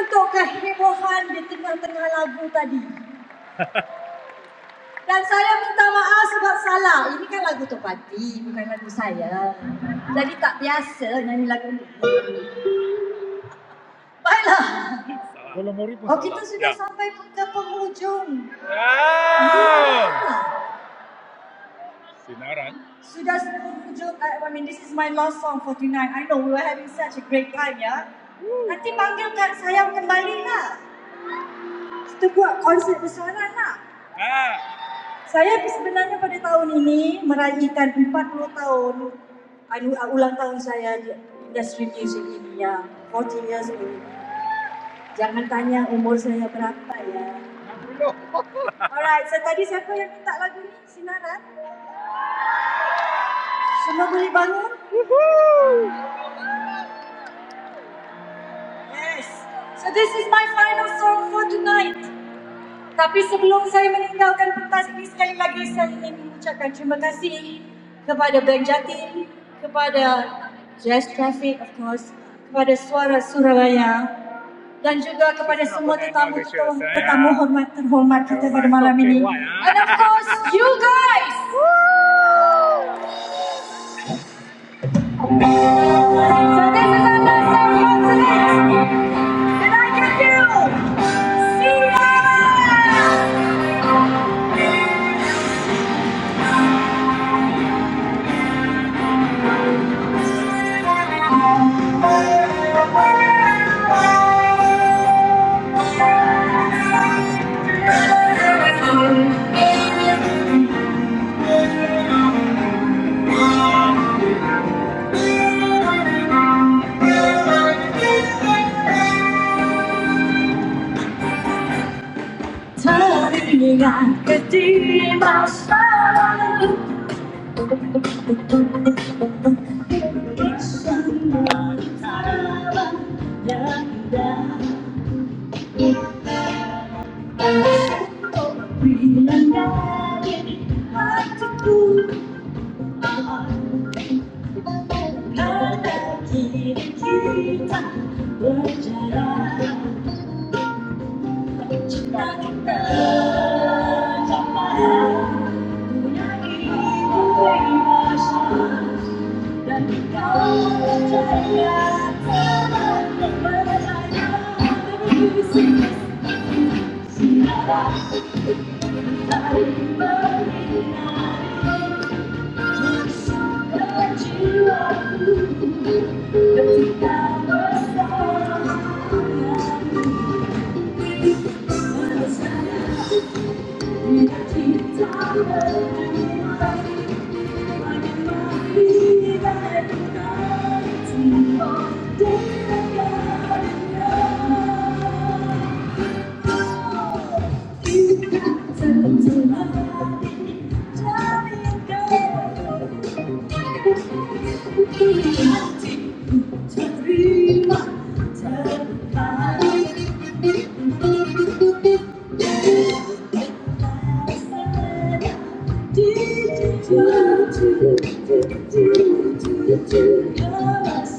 untuk kehebohan di tengah-tengah lagu tadi. Dan saya minta maaf sebab salah. Ini kan lagu Tok Pati, bukan lagu saya. Jadi tak biasa nyanyi lagu ni. Baiklah. Oh, kita sudah Ya. sampai ke penghujung. Ya. Sudah 10 pujuk, I, mean this is my last song for tonight. I know we were having such a great time ya. Nanti panggil Kak Sayang kembali lah. Kita buat konsert besaran lah. Saya sebenarnya pada tahun ini meraihkan 40 tahun anu- uh, ulang tahun saya di industri music ini ya. 40 years old. Jangan tanya umur saya berapa ya. Alright, so tadi siapa yang minta lagu ni? Sinaran? Semua boleh bangun? So this is my final song for tonight. Tapi sebelum saya meninggalkan pentas ini, sekali lagi saya ingin mengucapkan terima kasih kepada Bank Jatim, kepada Jazz Traffic of course, kepada Suara Surabaya dan juga kepada semua tetamu tetamu hormat terhormat kita pada malam ini. And of course, you guys! So this is our last song for today. And I can do! See ya! Hãy subscribe cho kênh Ghiền Mì Gõ để không Thank you. Dream on, turn my heart.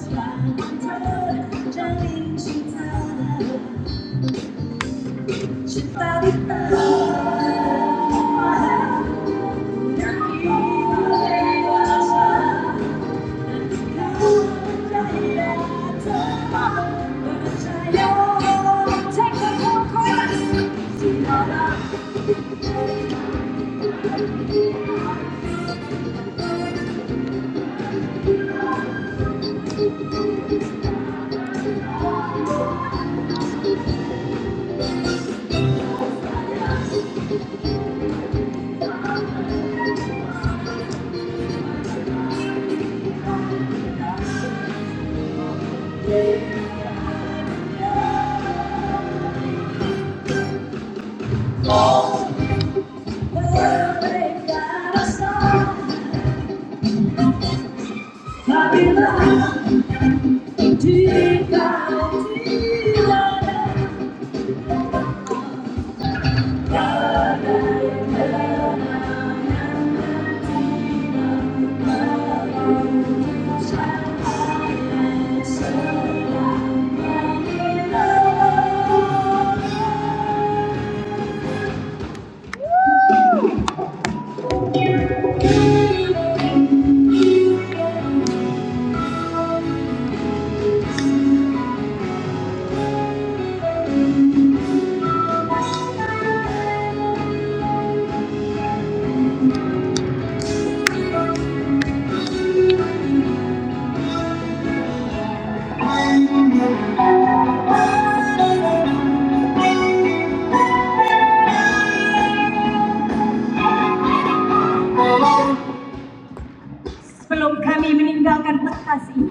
Sebelum kami meninggalkan Bekasi,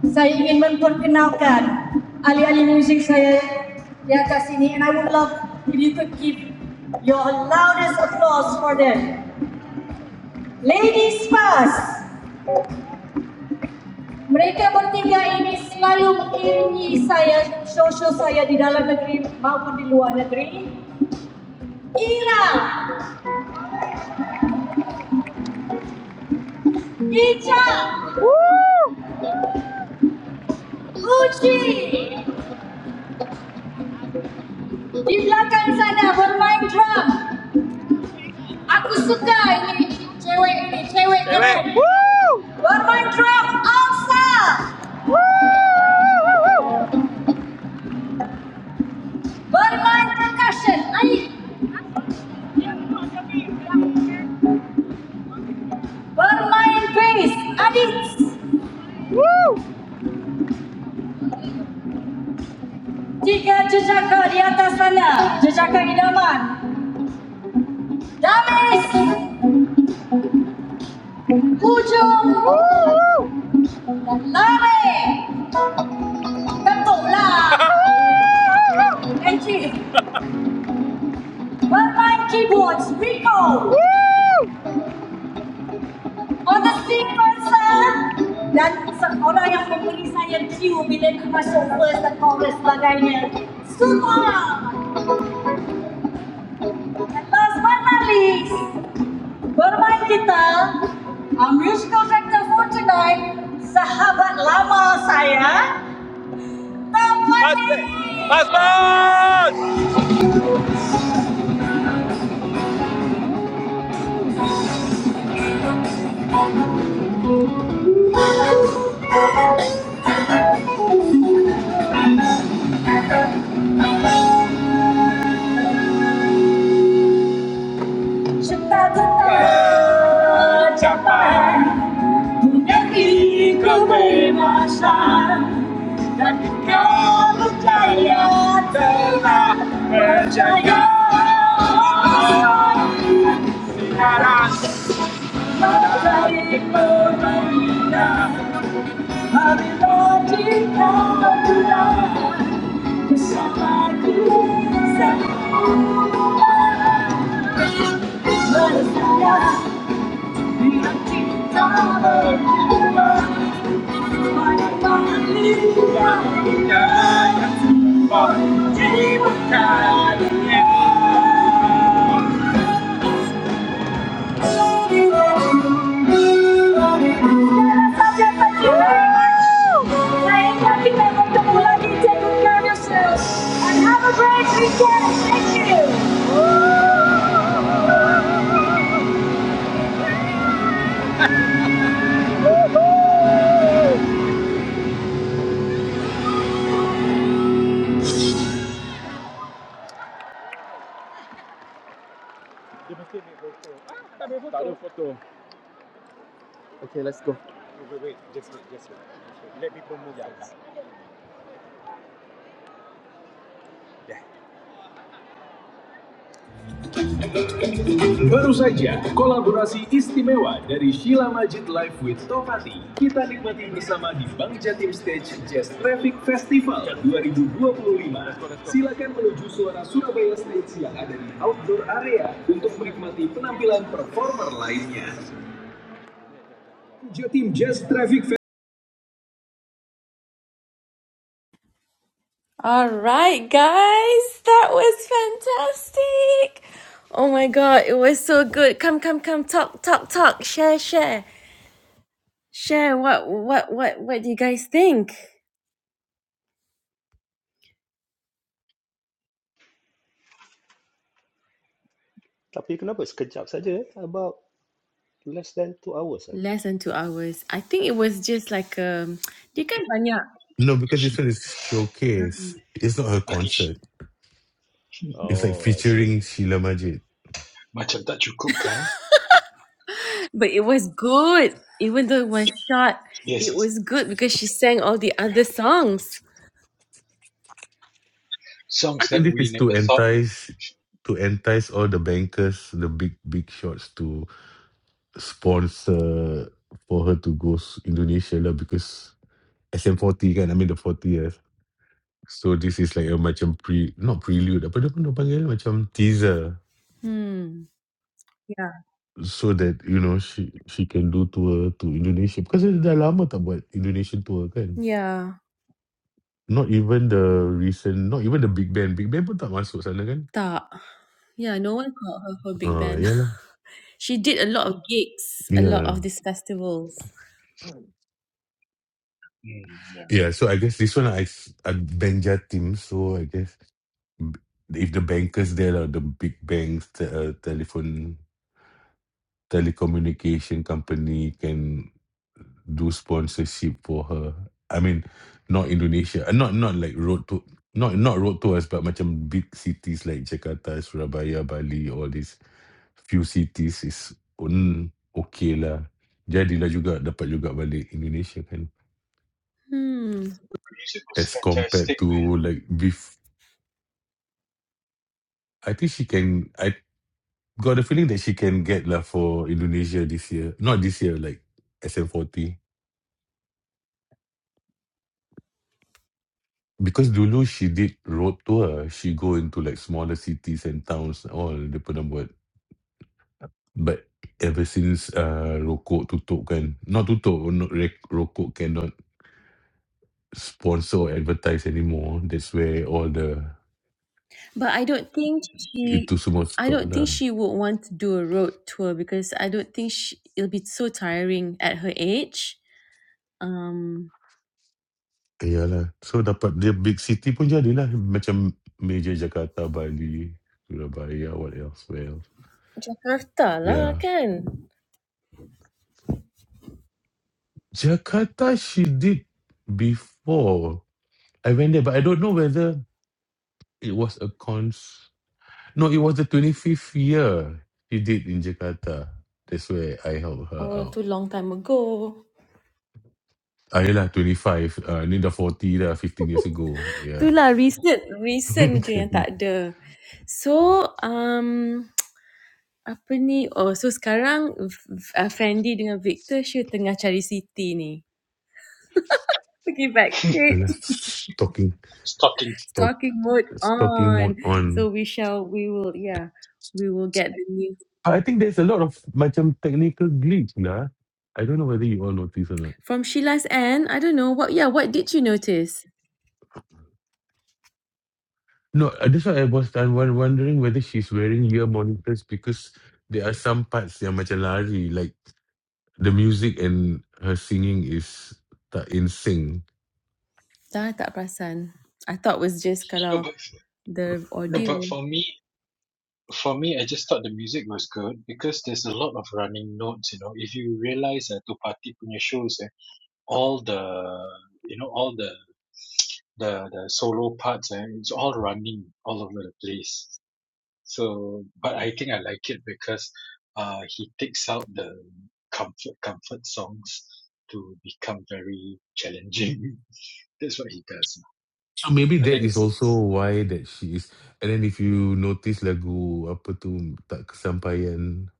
Saya ingin memperkenalkan ahli-ahli muzik saya di atas sini and I would love if you could give your loudest applause for them. Ladies first. Mereka bertiga ini selalu mengiringi saya, show-show saya di dalam negeri maupun di luar negeri. Ira, Ija, Uji, di belakang sana bermain drum. Aku suka ini cewek ini cewek Cewek. Bermain drum alsa. Bermain percussion Adit. Bermain bass Adit. Tiga jejaka di atas sana. Jejaka idaman. Damis. Lari. Ketuklah. Enci. Bermain keyboard Rico. Honestly, Persa, dan se- orang yang memberi saya cue bila aku masuk first dan chorus sebagainya. Semua. And last but not least, bermain kita, our musical director for tonight, sahabat lama saya, Tamani. Percaya. Percaya. And have a great weekend. Thank you. Baru saja kolaborasi istimewa dari Sheila Majid Live with Topati kita nikmati bersama di Bank Jatim Stage Jazz Traffic Festival 2025. Silakan menuju suara Surabaya Stage yang ada di outdoor area untuk menikmati penampilan performer lainnya. Jatim Jazz Traffic Festival All right, guys, that was fantastic. Oh my god, it was so good. Come, come, come, talk, talk, talk, share, share, share. What, what, what, what do you guys think? Tapi kenapa sekejap saja eh? About less than two hours lah. Less than two hours. I think it was just like um, you guys banyak, No, because this one is showcase. It's not her I think concert. It's like Oh, I featuring see. Sheila Majid. macam tak cukup kan? but it was good. Even though it was short, Yes, it yes. was yes. good because she sang all the other Yeah. songs. I Songs that think this we is to never thought. entice to entice all the bankers, the big big shots to sponsor for her to go s- Indonesia lah because SM40 kan, I mean the Forty years? So this is like a macam pre not prelude apa dia pun dia panggil macam teaser Hmm. Yeah. so that you know she she can do tour to Indonesia because dia dah lama tak buat Indonesian tour kan. Yeah. Not even the recent, not even the Big Band. Big Band pun tak masuk sana kan? Tak. Yeah. No one called her for big Ah, uh, band. yalah. She did a lot of gigs, a Ya, lot of these festivals. Mm, yeah. Yeah, so I guess this one I s- a Benja team. So I guess b- if the bankers there are the big banks, te- uh, telephone telecommunication company can do sponsorship for her. I mean, not Indonesia, uh, not not like road to not not road tours, but macam big cities like Jakarta, Surabaya, Bali, all these few cities is un okay lah. Jadilah juga dapat juga balik Indonesia kan. Hmm. Music was As compared fantastic. to like before I think she can. I got the feeling that she can get lah for Indonesia this year. Not this year, like SM40. Because dulu she did road tour. She go into like smaller cities and towns. All dia pernah buat. But ever since uh, rokok tutup kan. Not tutup. Not, rek- rokok cannot sponsor or advertise anymore. That's where all the But I don't think she, itu semua I stop don't lah. think she would want to do a road tour because I don't think she, it'll be so tiring at her age. Um, Iyalah. So dapat dia big city pun jadilah. Macam major Jakarta, Bali, Surabaya, what else, where else. Jakarta lah Yeah. kan. Jakarta, she did before. I went there, but I don't know whether it was a cons. No, it was the 25th year she did in Jakarta. That's where I helped her Oh, out. too long time ago. Ah, yelah, 25. Uh, ni dah 40 dah, 15 years ago. Yeah. Itulah recent, recent je yang Kan. tak ada. So, um, apa ni? Oh, so sekarang F- F- uh, Fendi dengan Victor, she tengah cari city ni. Pergi backstage. Yelah, stalking, Stalking. stalk, Stalking mode stalking on. mode So on. we shall, we will, yeah, we will get the news I think there's a lot of macam technical glitch lah. I don't know whether you all notice or not. from Sheila's end. I don't know what, yeah, what did you notice? No, uh, that's why I was I was wondering whether she's wearing ear monitors because there are some parts yang macam lari, like the music and her singing is tak in sync. Dah tak perasan. I thought was just No, kalau but the no, but audio. for me, for me, I just thought the music was good because there's a lot of running notes. You know, if you realize that uh, Tupati punya shows, eh, all the you know all the the the solo parts, eh, it's all running all over the place. So, but I think I like it because uh, he takes out the comfort comfort songs to become very challenging. That's what he does. So maybe I that think is it's also nice. why that she is. And then if you notice lagu apa tu tak kesampaian.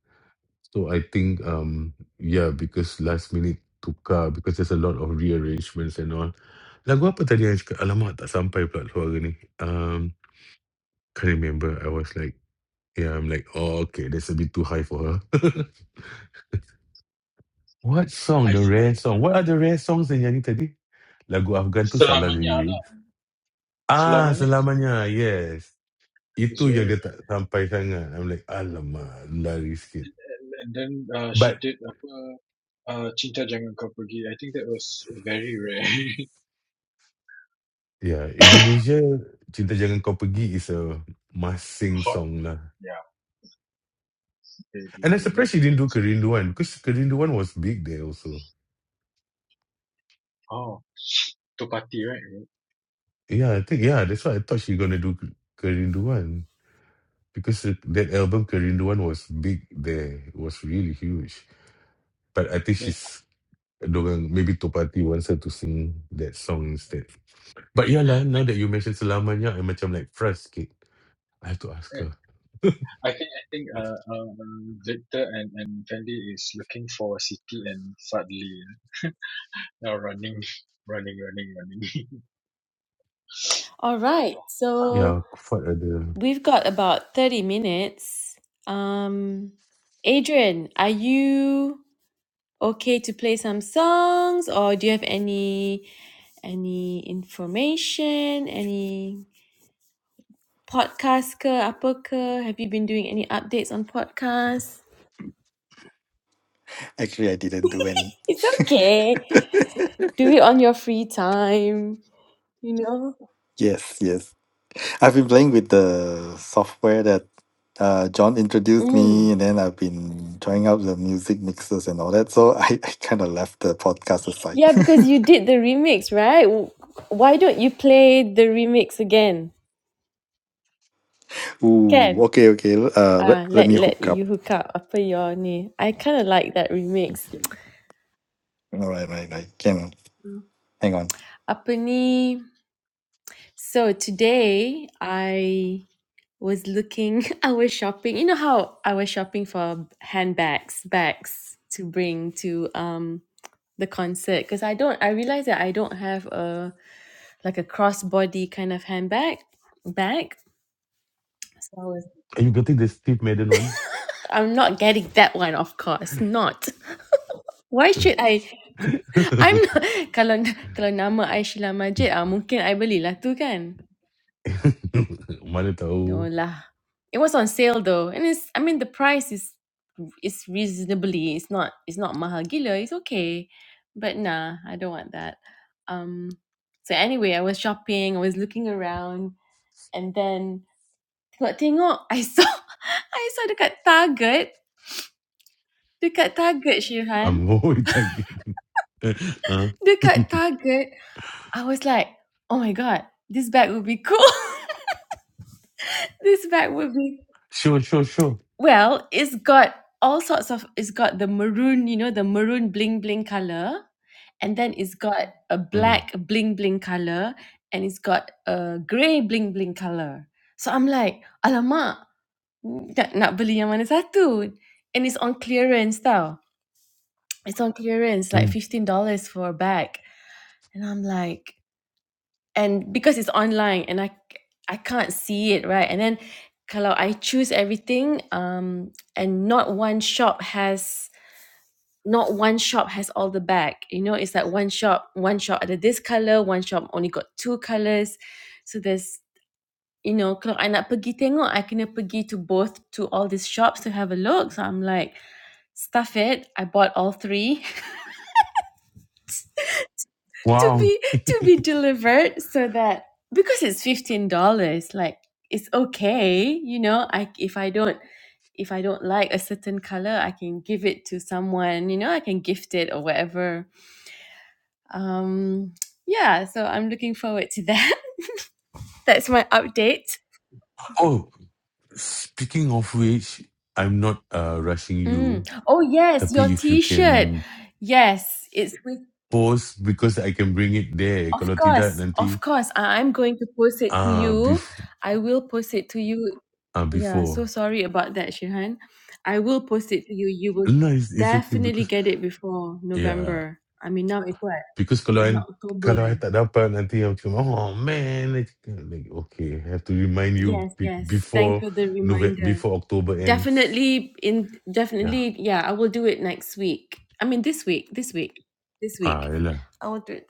So I think um yeah because last minute tukar because there's a lot of rearrangements and all. Lagu apa tadi yang I cakap? Alamak tak sampai pula suara ni. Um, can't remember. I was like Yeah, I'm like, oh, okay, that's a bit too high for her. what I song? The th- rare song. What are the rare songs yang nyanyi tadi? Lagu Afghan tu salah Selamanya lah. lirik. Ah, Selamanya is very selamanya. rare. Yes. It's Itu very yang dia tak sampai sangat. I'm like, alamak, lari sikit. rare. And then uh, she But, did apa uh, Cinta Jangan Kau Pergi. I think that was very rare. yeah, Indonesia, Cinta Jangan Kau Pergi is a must-sing Hot. song lah. Yeah. They, they, And I'm they love surprised she didn't that. do Kerinduan because Kerinduan was big there also. Oh, Topati, right? Yeah, I think, yeah, that's why I thought she gonna do Kerinduan. because that, that album Kerinduan was big there. It was really huge. But I think Yeah. she's dorang maybe Topati wants her to sing that song instead. But yeah lah, now that you mentioned Selamanya, I'm macam like frust sikit. I have to ask her. I think I think uh, uh, Victor and and Fendi is looking for Siti and Fadli. Now running, running, running, running. All right, uh, so Yeah, what are the... we've got about thirty minutes. Um, Adrian, are you okay to play some songs, or do you have any any information, any podcast ke apa ke? Have you been doing any updates on podcast? Actually, I didn't do any. It's okay. Do it on your free time, you know? yes, yes. I've been playing with the software that uh, John introduced Mm. me, and then I've been trying out the music mixes and all that. So I, I kind of left the podcast aside. Yeah, because you did the remix, right? W- Why don't you play the remix again? Ooh, Can. okay, okay. Uh, let, Ah, let let me let hook you up. hook up apa your ni. I kind of like that remix. All right, right, right. Can hang on. Apa ni? So today I was looking i was shopping you know how i was shopping for handbags bags to bring to um the concert because i don't i realized that i don't have a like a crossbody kind of handbag bag so I was, Are you getting the Steve Madden one? i'm not getting that one of course not why should i i'm not kalau kalau nama I Sheila Majid ah mungkin I belilah tu kan Mana No tahu lah. It was on sale though, and it's. I mean, the price is is reasonably. It's not. It's not mahal gila. It's okay, but nah, I don't want that. Um. So anyway, I was shopping. I was looking around, and then tengok-tengok, I saw, I saw dekat Target, dekat Target, Shirhan, Ambo target. Huh? dekat Target. I was like, oh my god, this bag would be cool. this bag would be sure, sure, sure. Well, it's got all sorts of it's got the maroon, you know, the maroon bling bling color, and then it's got a Mm, black bling bling color, and it's got a grey bling bling color. So I'm like, alamak, nak, nak beli yang mana satu? And it's on clearance tau. It's on clearance, like mm. $15 for a bag. And I'm like, and because it's online and I, I c- I can't see it right and then kalau I choose everything um and not one shop has not one shop has all the bag you know it's like one shop one shop ada this color one shop only got two colors so there's you know kalau I nak pergi tengok I kena pergi to both to all these shops to have a look so I'm like stuff it I bought all three to Wow. be to be delivered so that because it's fifteen dollars, like it's okay, you know. I if I don't if I don't like a certain color, I can give it to someone, you know. I can gift it or whatever. Um, yeah, so I'm looking forward to that. That's my update. Oh, speaking of which, I'm not uh, rushing Mm. you. Oh yes, your Tapi if you T-shirt. can Yes, it's with. post because I can bring it there. Of Kalau tidak course, nanti of course. I- I'm going to post it to ah you. bef- I will post it to you ah Yeah, so before. sorry about that, Shihan. I will post it to you. You will No, it's, it's okay definitely because get it before yeah November. I mean, now it's what? because Dah kalau I, nak October. kalau I eh. tak dapat nanti aku cakap oh man I cakap, like okay I have to remind you Yes, be- yes. Thanks before for the November reminder. before October ends. Definitely in Yeah. definitely yeah, I will do it next week. I mean this week, this week. This Ah week. yalah. I will do it.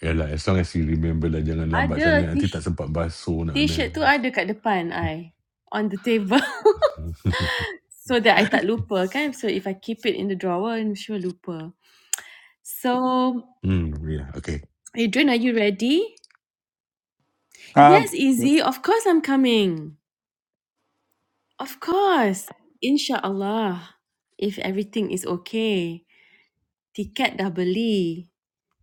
Yalah as long as you remember lah jangan lambat Ada sangat nanti tak t- sempat basuh nak kena. t-shirt tu ada kat depan I on the table. so that I tak lupa kan. So if I keep it in the drawer, I'm sure lupa. So hmm yeah okay. Adrian, are you ready? Uh, Yes, Izzy. Of course, I'm coming. Of course. Inshallah. If everything is okay. Tiket dah beli.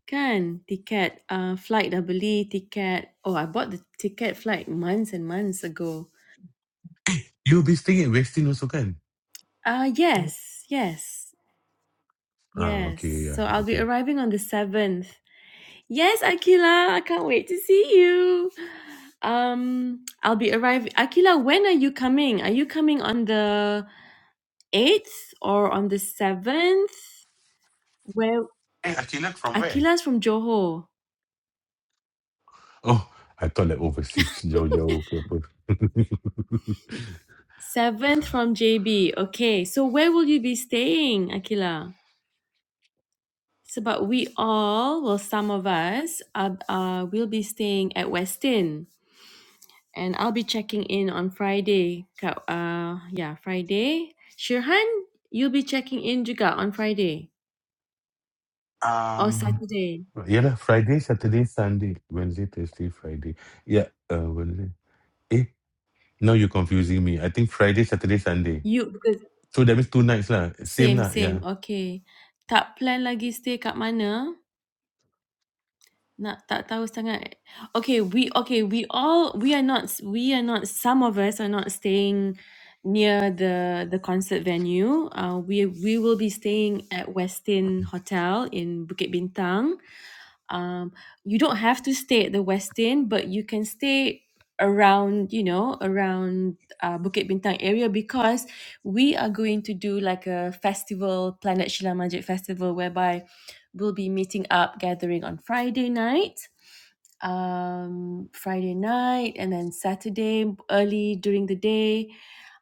Kan? Tiket, uh, flight dah beli. Tiket. Oh, I bought the ticket flight months and months ago. You'll be staying at Westin also kan? Uh, yes. Yes. Ah Yes. okay So yeah I'll be okay. arriving on the 7th. Yes, Akila. I can't wait to see you. Um, I'll be arriving. Akila, when are you coming? Are you coming on the 8th or on the 7th where Hey, Attila, from where? Akila's from Johor Oh, I thought like overseas jauh-jauh ke apa. 7th from JB okay so where will you be staying Akila so but we all well some of us are, uh, will be staying at Westin and I'll be checking in on Friday Ka- uh yeah Friday Shirhan you'll be checking in juga on Friday or Um, Saturday Yalah, Friday, Saturday, Sunday. Wednesday, Thursday, Friday. Yeah, uh, Wednesday. Eh, now you're confusing me. I think Friday, Saturday, Sunday. you because So that means two nights lah. Same same lah, same yeah. okay tak plan lagi stay kat mana Nak tak tahu sangat. Okay, we okay, we all we are not we are not some of us are not staying near the the concert venue. Uh we we will be staying at Westin Hotel in Bukit Bintang. Um you don't have to stay at the Westin, but you can stay around, you know, around uh, Bukit Bintang area because we are going to do like a festival, Planet Shila Majid Festival whereby we'll be meeting up, gathering on Friday night um, Friday night, and then Saturday early during the day,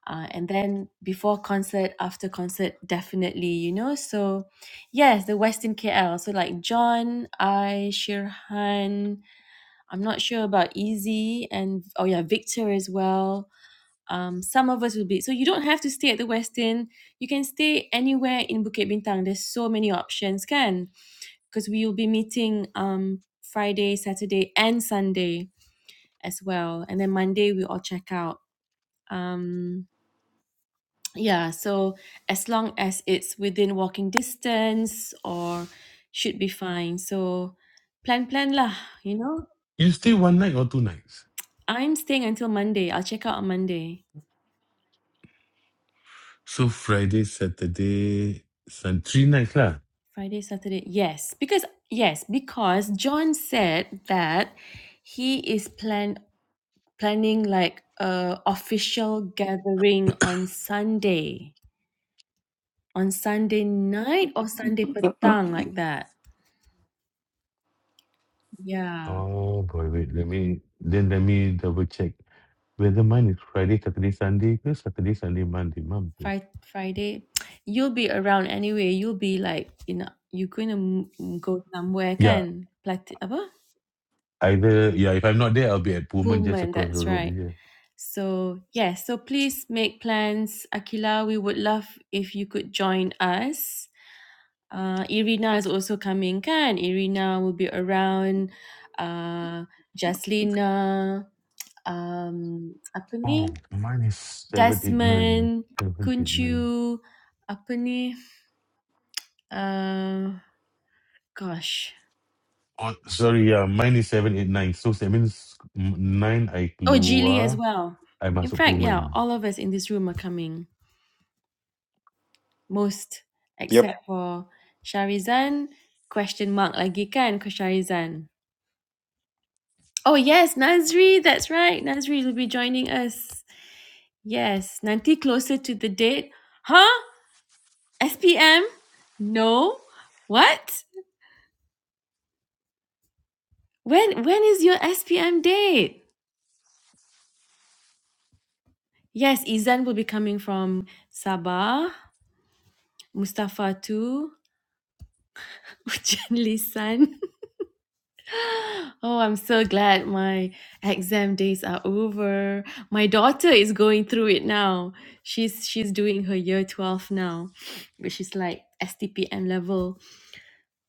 uh, and then before concert, after concert, definitely, you know. So, yes, the Western KL. So, like John, I, Shirhan, I'm not sure about Easy, and oh, yeah, Victor as well. Um, some of us will be so you don't have to stay at the Westin. You can stay anywhere in Bukit Bintang. There's so many options, can because we will be meeting um Friday, Saturday, and Sunday as well. And then Monday we all check out. Um, yeah, so as long as it's within walking distance or should be fine. So plan plan lah, you know. You stay one night or two nights? I'm staying until Monday. I'll check out on Monday. So Friday, Saturday, Sun, three nights lah. Friday, Saturday. Yes. Because yes, because John said that he is plan planning like a official gathering on Sunday. On Sunday night or Sunday petang like that. Yeah, Oh boy, wait, let me, then let me double check whether mine is Friday, Saturday, Sunday ke Saturday, Sunday, Monday. Mampus. Fri Friday, you'll be around anyway. You'll be like, you know, you're going to go somewhere kan? Plati apa? Either yeah, if I'm not there, I'll be at Pullman just Pullman, across the that's road right. here. So, yeah, so please make plans. Akila, we would love if you could join us. Uh, Irina is also coming kan? Irina will be around. Uh, Jaslina, um, apa Oh, ni? mine is seven eight nine. Desmond, Seven eight nine. Kunchu, apa ni? Uh, gosh. Oh, sorry, yeah, mine is seven eight nine. So that means mm, nine I Oh, Geely as keluar, well. I In masuk fact, yeah, Pullman. all of us in this room are coming. Most, Yep. except for Sharizan. Question mark lagi kan ke Sharizan? Oh yes, Nazri. That's right. Nazri will be joining us. Yes. Nanti closer to the date. Huh? SPM? No. What? When when is your SPM date? Yes, Izan will be coming from Sabah. Mustafa too. Gently, son. Oh, I'm so glad my exam days are over. My daughter is going through it now. She's she's doing her year 12 now, which is like STPM level.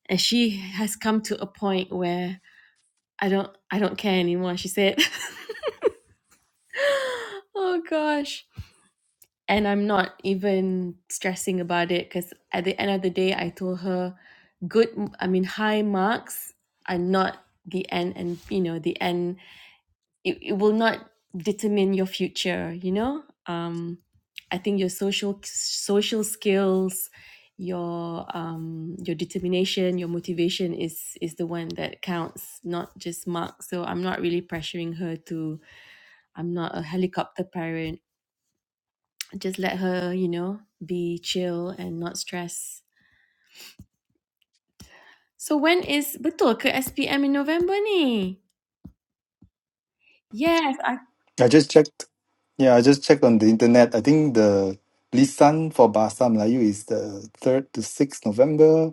And she has come to a point where I don't I don't care anymore, she said. oh gosh. And I'm not even stressing about it because at the end of the day I told her good I mean high marks are not the end and you know the end it, it will not determine your future you know um i think your social social skills your um your determination your motivation is is the one that counts not just marks so i'm not really pressuring her to i'm not a helicopter parent just let her you know be chill and not stress so when is betul ke SPM in November ni yes I I just checked. Yeah, I just checked on the internet. I think the Lisan for Bahasa Melayu is the 3rd to 6th November.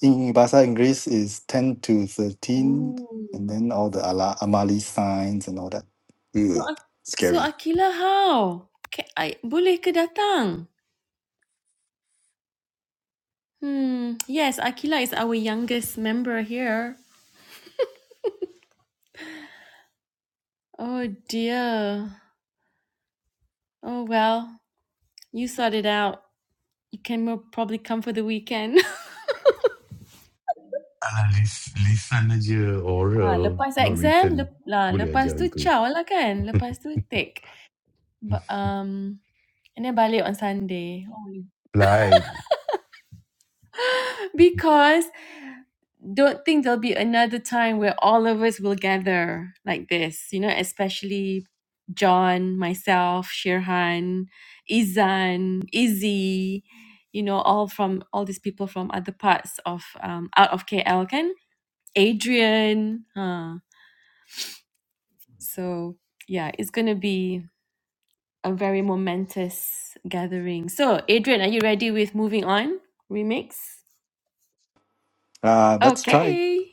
in Bahasa Inggris is 10 to 13, ooh. and then all the Ala Amali signs and all that. So, Ugh, Ak- so scary. Akila how? Ca- I, boleh ke datang? Hmm, yes, Akila is our youngest member here. Oh dear. Oh well, you sort it out. You can mo- probably come for the weekend. Alah, lis- lisan aja ah, oral, lepas not exam, written. lep, lah, Boleh aja lepas tu gitu. ciao lah kan. Lepas tu take. But, um, and then balik on Sunday. Oh. Like Because don't think there'll be another time where all of us will gather like this, you know, especially John, myself, Shirhan, Izan, Izzy, you know, all from all these people from other parts of um out of KL can Adrian. Huh. So yeah, it's gonna be a very momentous gathering. So Adrian, are you ready with moving on? Remix? Uh, let's try Okay.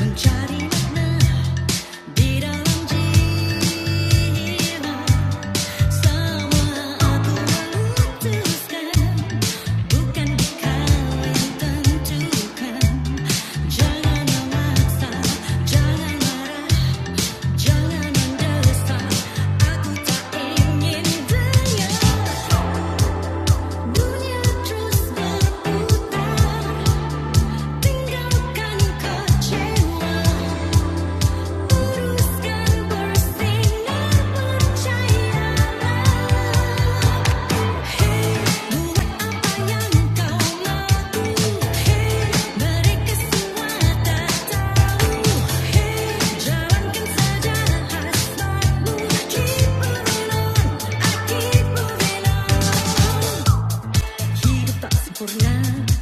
mencari makna di dalam semua aku memutuskan bukan kau yang tentukan jangan memaksa jangan marah jangan mendesak aku tak ingin dengar dunia terus berputar tinggalkan kecewa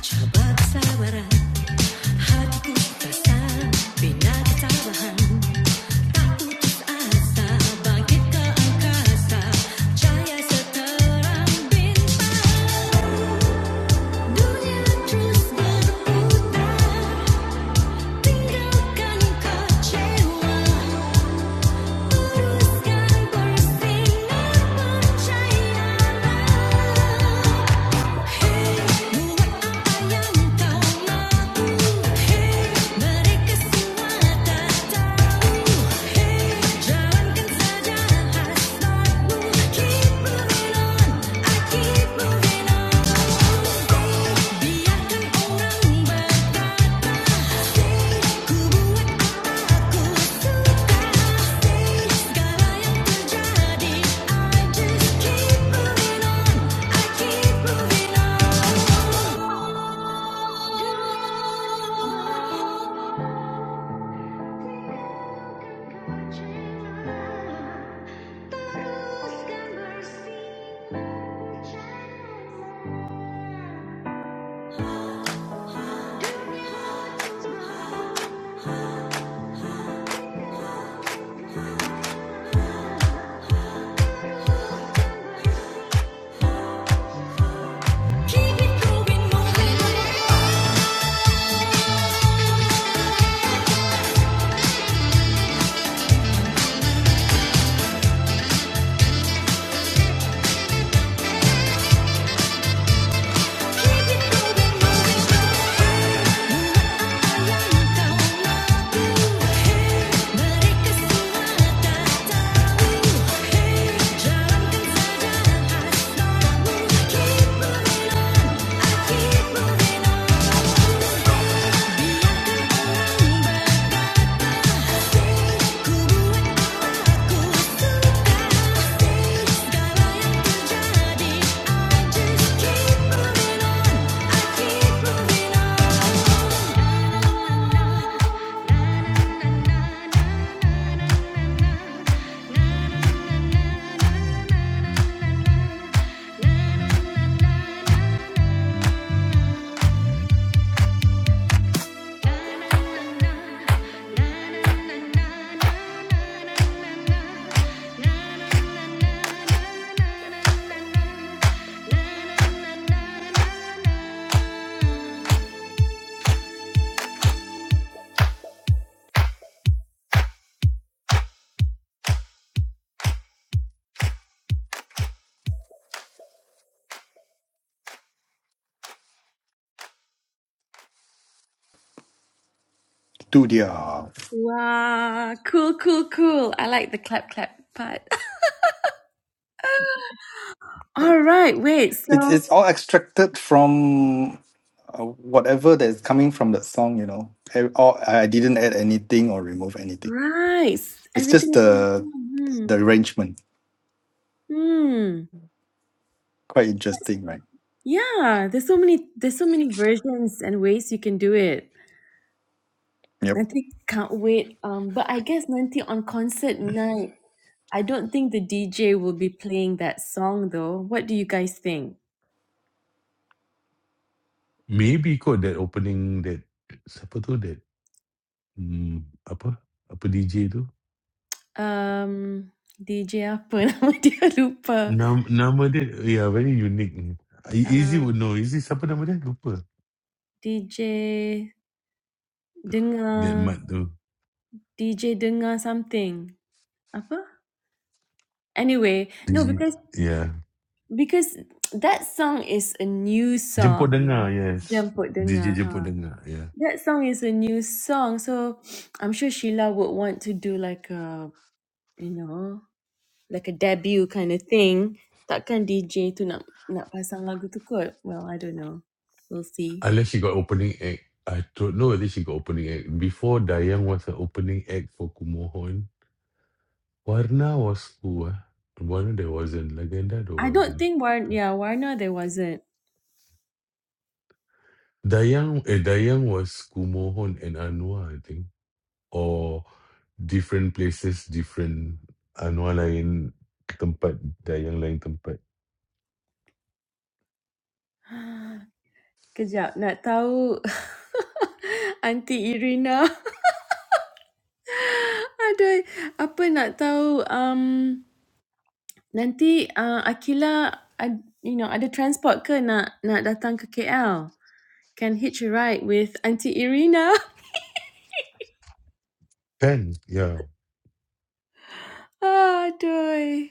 Coba kesabaran, hatiku tak sabar, bina ketabahan. Tak putus asa, bangkit ke angkasa, cahaya seterang bintang. Dunia terus berputar, tinggalkan kecewa, teruskan bersinar percayalah. Keep moving on. Keep moving, I keep moving, biarkan orang I just keep moving on. I keep moving on. Studio. Wow, cool, cool, cool. I like the clap, clap part. All right, wait. It's, So, it's all extracted from uh, whatever that is coming from that song, you know. I, or I didn't add anything or remove anything. right, It's just everything's in the the, Hmm. the arrangement. Hmm. Quite interesting, right? Yeah, there's so many there's so many versions and ways you can do it. Yep. Nanti can't wait. Um, but I guess nanti on concert night, I don't think the DJ will be playing that song though. What do you guys think? maybe kot that opening that siapa tu that hmm, apa apa DJ tu Um, DJ apa nama dia lupa. Nam, nama dia yeah, very unique. Easy Uh, would know. Easy siapa nama dia? Lupa. DJ That Dengar, mat tu. DJ Dengar something. Apa? Anyway, no Digit. because Yeah. because that song is a new Jemput song, dengar, right? yes. Jemput Digit Dengar. huh? jemput dengar, yeah. That song is a new song, so I'm sure Sheila would want to do like a, you know, like a debut kind of thing. Takkan DJ tu nak nak pasang lagu tu kot? Well, I don't know. We'll see. Unless she got opening act. I don't know whether she got opening act. Before Dayang was an opening act for Kumohon, Warna was who ah? Warna there wasn't. Legenda there I don't wasn't. think War yeah, Warner there wasn't. Dayang, eh, Dayang was Kumohon and Anwar, I think. or different places different Anwar lain tempat dan yang lain tempat Kejap, nak tahu Aunty Irina ada apa nak tahu um, nanti uh, Akila ad, you know ada transport ke nak nak datang ke KL? Can hitch a ride with Aunty Irina. kan yeah Aduh.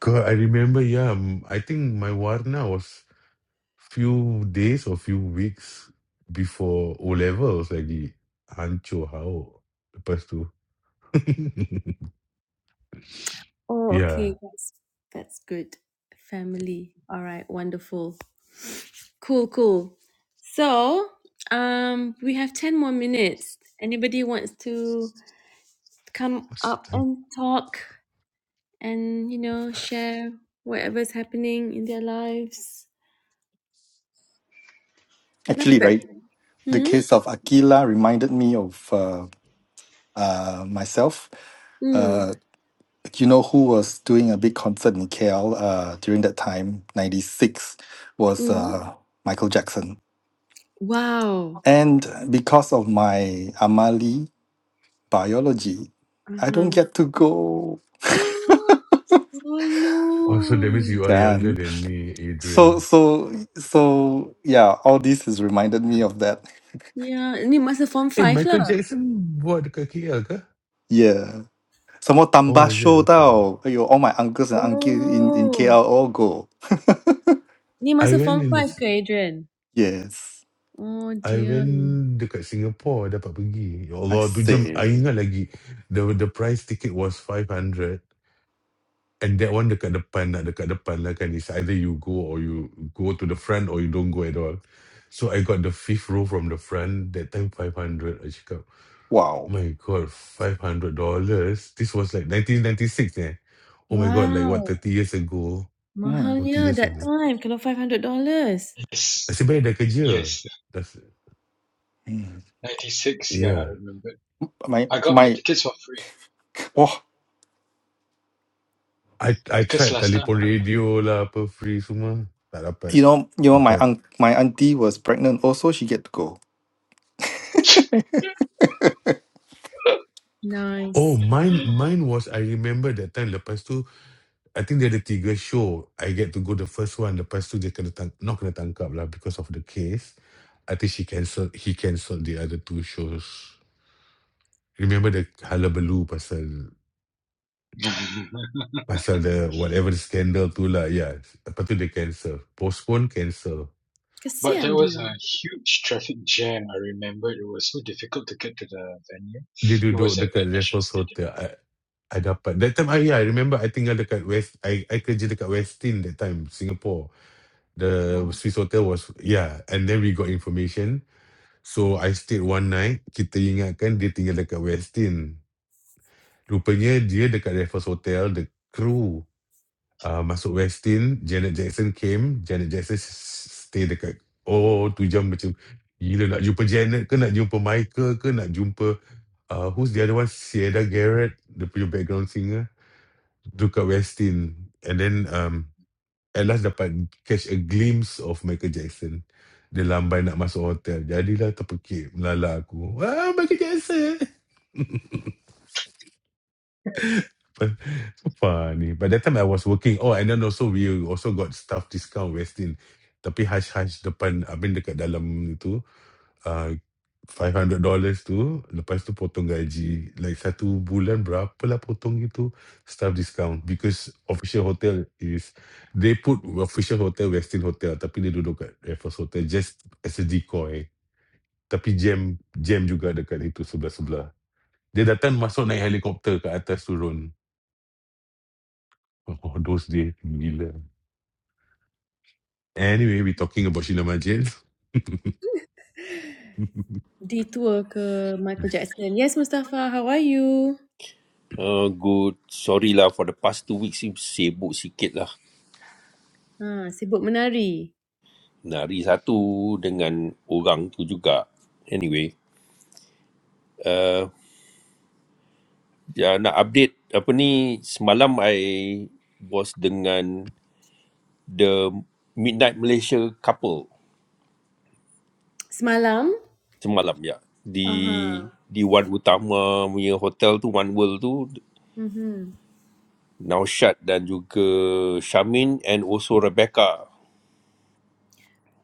Cause I remember yeah m- I think my warna was few days or few weeks before O levels lagi hancur hao lepas tu Oh, yeah okay. That's, that's good. Family. All right, wonderful. Cool, cool. So, um, we have 10 more minutes. Anybody wants to come What's up the time? and talk? and you know share whatever's happening in their lives. Kenapa Actually, tak? right, the Hmm? case of Aquila reminded me of uh, uh, myself Hmm. Uh, you know who was doing a big concert in KL uh, during that time, 96, was Hmm. uh, Michael Jackson. Wow. And because of my Amali biology, I don't huh. get to go. Oh oh so that means no. you are Yeah. younger and than me so, Adrian so, so, yeah, all this has reminded me of that. Ya, Ni masa form Hey, 5 Michael lah. Jackson buat dekat KL ke Yeah. Some more oh Tamba is it show okay tau. Aiyo, all my uncles and aunties in, in Oh. KL all go. Ni I masa went form in the 5 ke Adrian? Yes. Oh I dear. went dekat Singapore dapat pergi. Ya I Allah, tu jam I say. ingat lagi the the price ticket was 500 and that one dekat depan nak dekat depan lah kan it's either you go or you go to the front or you don't go at all. So I got the fifth row from the front that time 500 I cakap Wow. my god 500 dollars this was like 1996 eh oh my god like what Wow. 30 years ago Mm. 40 Mahalnya years that ago time kalau $500. yes, nasib baik dah kerja yes, dah Mm. ninety six. Yeah, I yeah remember. My I got my my tickets for free Wah, I I because tried last time. telephone radio lah apa free semua tak dapat you know, you know, my but aunt, my auntie was pregnant. Also, she get to go. Nice. oh mine mine was I remember that time lepas tu I think dia ada tiga show I get to go the first one lepas tu dia kena tang- not kena tangkap lah because of the case I think she cancelled he cancelled the other two shows remember the hullabaloo pasal pasal the whatever the scandal tu lah yeah lepas tu dia cancel postpone cancel but there Kesian was dia. a huge traffic jam. I remember it was so difficult to get to the venue. dia It duduk was at the dekat National Raffles Stadium. Hotel I, I dapat that time I yeah, I remember I tinggal dekat West I I kerja dekat Westin that time Singapore the Swiss Hotel was yeah and then we got information so I stayed one night kita ingatkan dia tinggal dekat Westin rupanya dia dekat Raffles Hotel the crew uh, masuk Westin Janet Jackson came Janet Jackson s- s- stay dekat oh tu jam macam gila nak jumpa Janet ke nak jumpa Michael ke nak jumpa uh, who's the other one Sierra Garrett dia punya background singer Dekat Westin and then um at last dapat catch a glimpse of Michael Jackson. Dia lambai nak masuk hotel. Jadilah terpekik melala aku. Ah, Michael Jackson. But, so funny. But that time I was working. Oh, and then also we also got staff discount Westin. Tapi hash hash depan, I mean dekat dalam itu. uh, $500 tu, lepas tu potong gaji. Like satu bulan berapa lah potong gitu, staff discount because official hotel is they put official hotel Westin Hotel tapi dia duduk kat Raffles Hotel just as a decoy. Tapi jam jam juga dekat itu sebelah-sebelah. Dia datang masuk naik helikopter ke atas turun. Oh, those days gila. Anyway, we talking about Sheila Majid. Detour ke Michael Jackson. Yes, Mustafa, how are you? Uh, good. Sorry lah for the past two weeks ni sibuk sikit lah. Ah, sibuk menari. Nak risatu dengan orang tu juga. Anyway, uh, ya, nak update apa ni, semalam I was dengan the Midnight Malaysia couple Semalam? semalam ya. Di Aha, di Wan Utama punya hotel tu, One World tu, mhm. Naushad dan juga Shamin and also Rebecca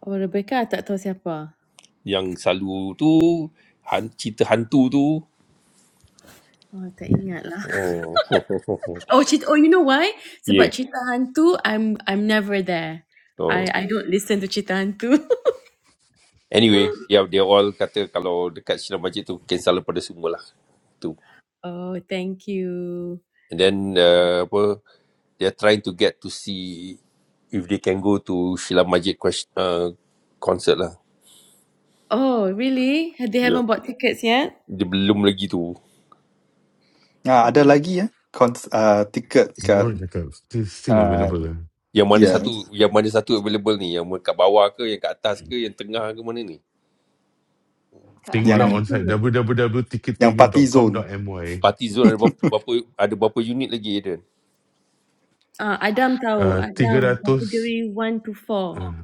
Oh, Rebecca tak tahu siapa? yang selalu tu han, cerita hantu tu. Oh, tak ingat lah. Oh. Oh, cerita, oh, you know why? Ya, Sebab cerita hantu, I'm I'm never there. So I I don't listen to cerita hantu. anyway, yeah, they all kata kalau dekat Sinar Masjid tu cancel lah pada semua lah. Tu. oh, thank you. And then uh, apa they are trying to get to see if they can go to Sinar Masjid ques- uh, concert lah. Oh, really? They Yeah. haven't bought tickets yet? Dia belum lagi tu. Ah, ada Hmm. lagi ya, cons, uh, ticket kat, no, cakap, still, still uh, available lah. Yang mana satu yeah, yang mana satu available ni? Yang kat bawah ke, yang kat atas ke, yang tengah ke mana ni? Kat Tengoklah atas yang onsite kot. yang party zone www.tickettoyou.com.my Party zone ada berapa, berapa ada berapa unit lagi Aiden? Ah, Adam tahu. uh, Adam, 300 kategori 1 to 4. uh,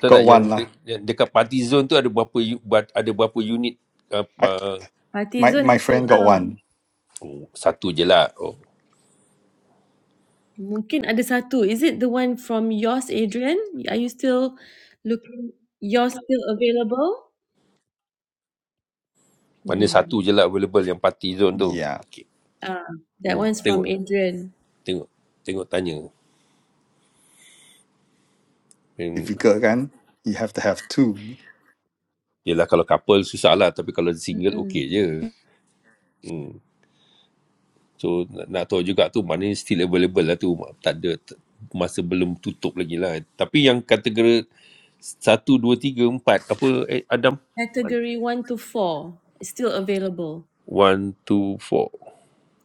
Tahu got tak yang, one de, lah. yang dekat party zone tu ada berapa u- ba- ada berapa unit I apa Party my zone my dah sold friend got out. one. satu je lah Oh, Mungkin ada satu. Is it the one from yours, Adrian? Are you still looking? You're still available? Mana Hmm. satu je lah available yang party zone tu. Yeah, Okey. Ah, that Hmm, one's from tengok, Adrian. tengok, tengok tanya. Hmm. difficult kan? You have to have two Yelah kalau couple susah lah tapi kalau single Mm-mm. okey je. Hmm. So nak, nak tahu juga tu mana still available lah tu. Tak ada masa belum tutup lagi lah. Tapi yang kategori satu, dua, tiga, empat apa eh, Adam? Category one to four is still available. One, two, four.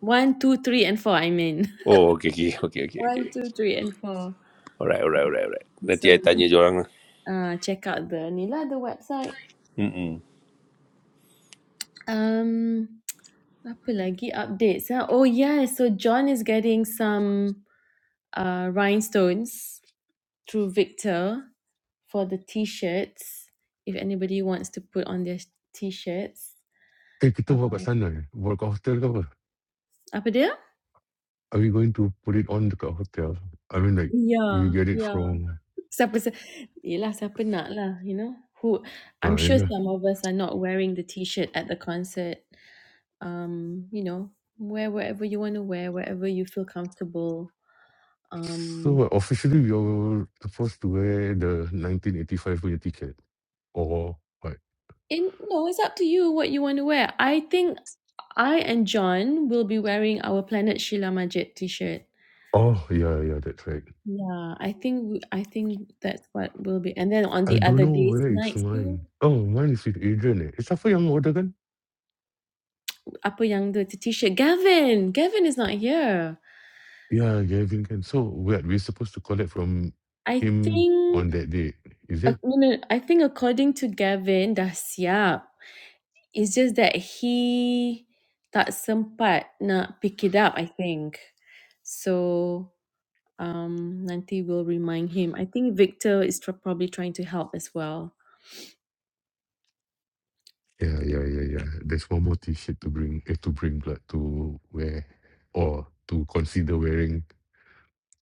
One, two, three, and four. I mean, Oh, okay, okay, okay, okay, okay. one, two, three, and four. Alright, alright, alright, alright. Nanti So, saya tanya je orang lah. uh, check out the Nila the website. Mm-mm. Um, apa lagi updates? Huh? Oh yeah, so John is getting some uh, rhinestones through Victor for the t-shirts. If anybody wants to put on their t-shirts, Eh kita uh, buat kat sana eh Buat kat hotel ke apa apa dia? Are we going to put it on dekat hotel I mean like We Yeah, get it yeah. from Siapa, siapa, yelah, siapa nak lah, you know. Who, I'm Ah uh, sure yeah some of us are not wearing the t-shirt at the concert. Um, you know, wear whatever you want to wear, wherever you feel comfortable. Um. So what, officially we are supposed to wear The 1985 punya ticket Or what In no, it's up to you what you want to wear. I think I and John will be wearing our Planet Sheila Majid T-shirt. Oh yeah yeah that's right Yeah, I think we- I think that's what will be. And then on the I don't other know days, where is nights too, mine Oh mine is with Adrian eh Eh siapa yang order kan apa yang the T-shirt? Gavin, Gavin is not here. Yeah, Gavin can. So what we're supposed to collect from I him think on that day, is uh, it? no, no, I think according to Gavin, dah siap. It's just that he tak sempat nak pick it up. I think so. um Nanti will remind him. I think Victor is tr- probably trying to help as well. Yeah, yeah, yeah, yeah. There's one more t-shirt to bring, eh, to bring blood to wear or to consider wearing.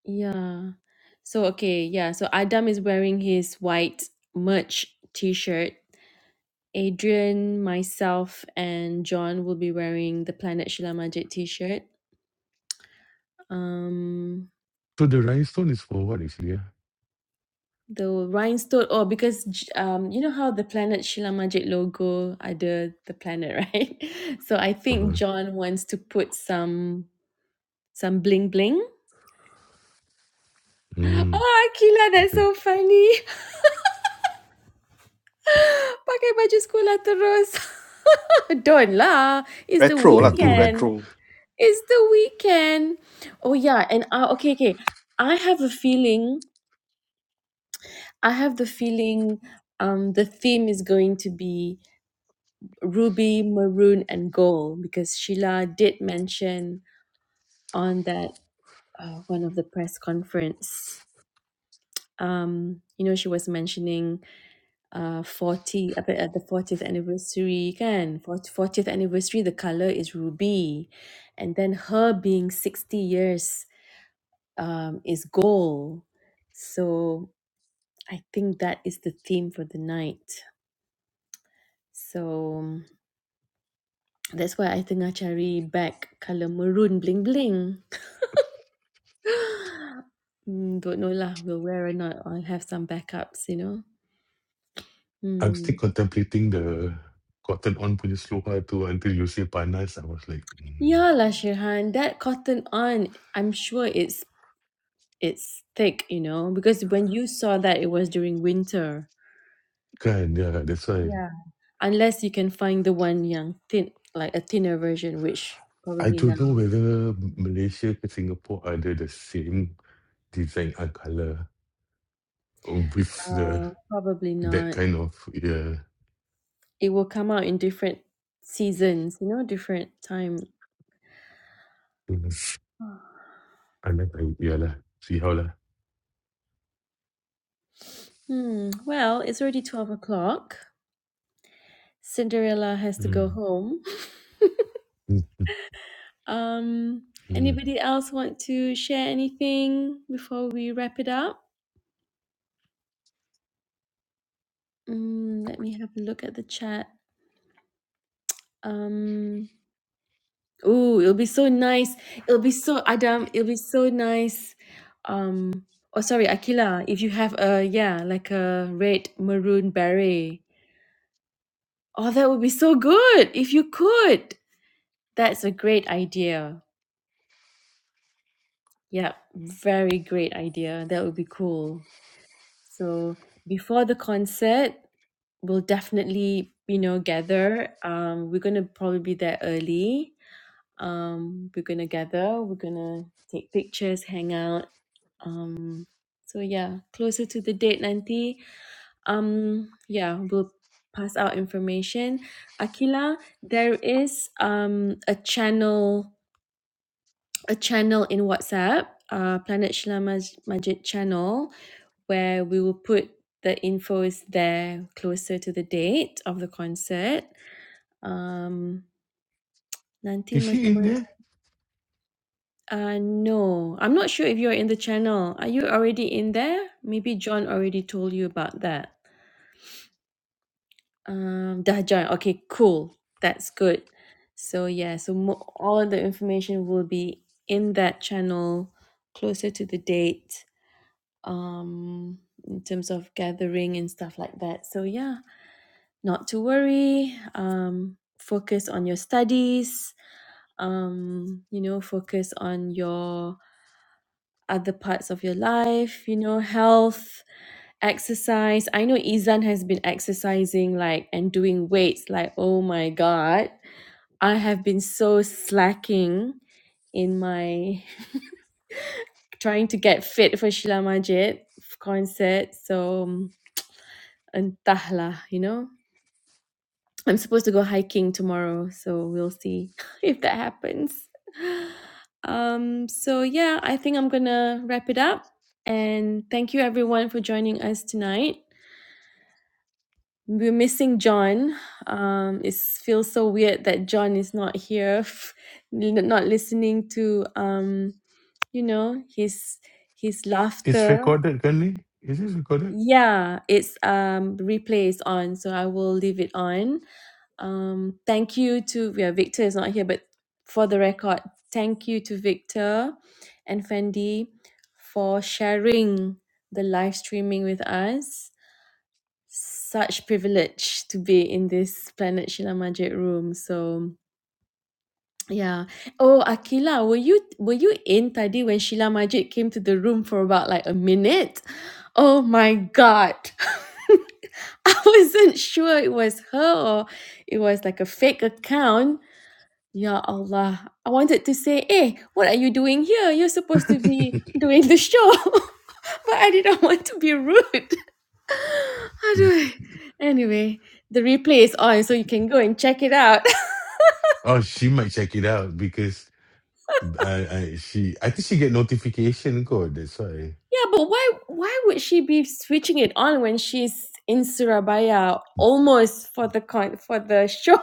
Yeah. So okay, yeah. So Adam is wearing his white merch t-shirt. Adrian, myself, and John will be wearing the Planet Shila Majid t-shirt. Um So the rhinestone is for what actually? Yeah? the rhinestone oh because J- um you know how the planet Shila Majid logo ada the planet right so i think Uh-huh. john wants to put some some bling bling Mm, Oh, Akila, that's okay. so funny. Pakai baju sekolah terus. Don't lah. It's the retro lah, Hey, two don't. weekend. retro. It's the weekend. Oh yeah, and uh, okay, okay. I have a feeling. I have the feeling. Um, the theme is going to be ruby, maroon, and gold because Sheila did mention on that uh, one of the press conference Um, you know, she was mentioning uh 40 apa, at the 40th anniversary kan 40 40th anniversary the color is ruby and then her being 60 years um is gold so i think that is the theme for the night so um, that's why i tengah cari bag color maroon bling bling Hmm, don't know lah we'll wear or not i'll have some backups you know I'm Hmm. still contemplating the cotton on punya sloha tu until you say panas. I was like, mm. Yeah, lah Shirhan, that cotton on, I'm sure it's it's thick, you know, because when you saw that it was during winter. kan, yeah, that's why. Yeah, Unless you can find the one yang thin like a thinner version, which I probably now. don't know whether Malaysia ke Singapore ada the same design and colour. with the Uh probably that not. kind of yeah. It will come out in different seasons, you know, different time. things. I like her. Yeah lah. See how lah. Hmm. Well, it's already twelve o'clock. Cinderella has to go Mm. home. Mm. Um Mm. anybody else want to share anything before we wrap it up? Mm, let me have a look at the chat. Um, Oh, it'll be so nice. It'll be so Adam. It'll be so nice. Um, oh, sorry, Akila. If you have a yeah, like a red maroon beret. Oh, that would be so good if you could. That's a great idea. Yeah, very great idea. That would be cool. So before the concert, we'll definitely you know gather. Um, we're gonna probably be there early Um, we're gonna gather, we're gonna take pictures, hang out. Um, so yeah, closer to the date nanti. Um, yeah, we'll pass out information. Akila, there is um a channel, a channel in WhatsApp, uh, Planet Shila Maj- Majid channel, where we will put the infos there closer to the date of the concert. Um, nanti Is she macam in there? Uh, no, I'm not sure if you're in the channel. Are you already in there? Maybe John already told you about that. Um, Dahjan. Okay, cool. That's good. So yeah, so mo- all the information will be in that channel closer to the date. Um, in terms of gathering and stuff like that. So yeah, not to worry. Um, focus on your studies. Um, you know, focus on your other parts of your life, you know, health, exercise. I know Izan has been exercising like and doing weights like oh my god. I have been so slacking in my trying to get fit for Sheila Majid concert. So um, entahlah, you know. I'm supposed to go hiking tomorrow, so we'll see if that happens. Um, so yeah, I think I'm gonna wrap it up. And thank you everyone for joining us tonight. We're missing John. Um, it feels so weird that John is not here, n- not listening to um, you know, his his It's laughter. recorded, currently. Is it recorded? Yeah, it's um replays on, so I will leave it on. Um, thank you to yeah, Victor is not here, but for the record, thank you to Victor and Fendi for sharing the live streaming with us. Such privilege to be in this Planet Shila Majid room. So yeah. Oh, Akila, were you were you in tadi when Sheila Majid came to the room for about like a minute? Oh my god. I wasn't sure it was her or it was like a fake account Ya Allah, I wanted to say, "Eh, what are you doing here? You're supposed to be doing the show." but I didn't want to be rude. Aduh. Anyway, the replay is on, so you can go and check it out. Oh, she might check it out because uh, I, she I think she get notification kot. That's why yeah, but why why would she be switching it on when she's in Surabaya almost for the con for the show?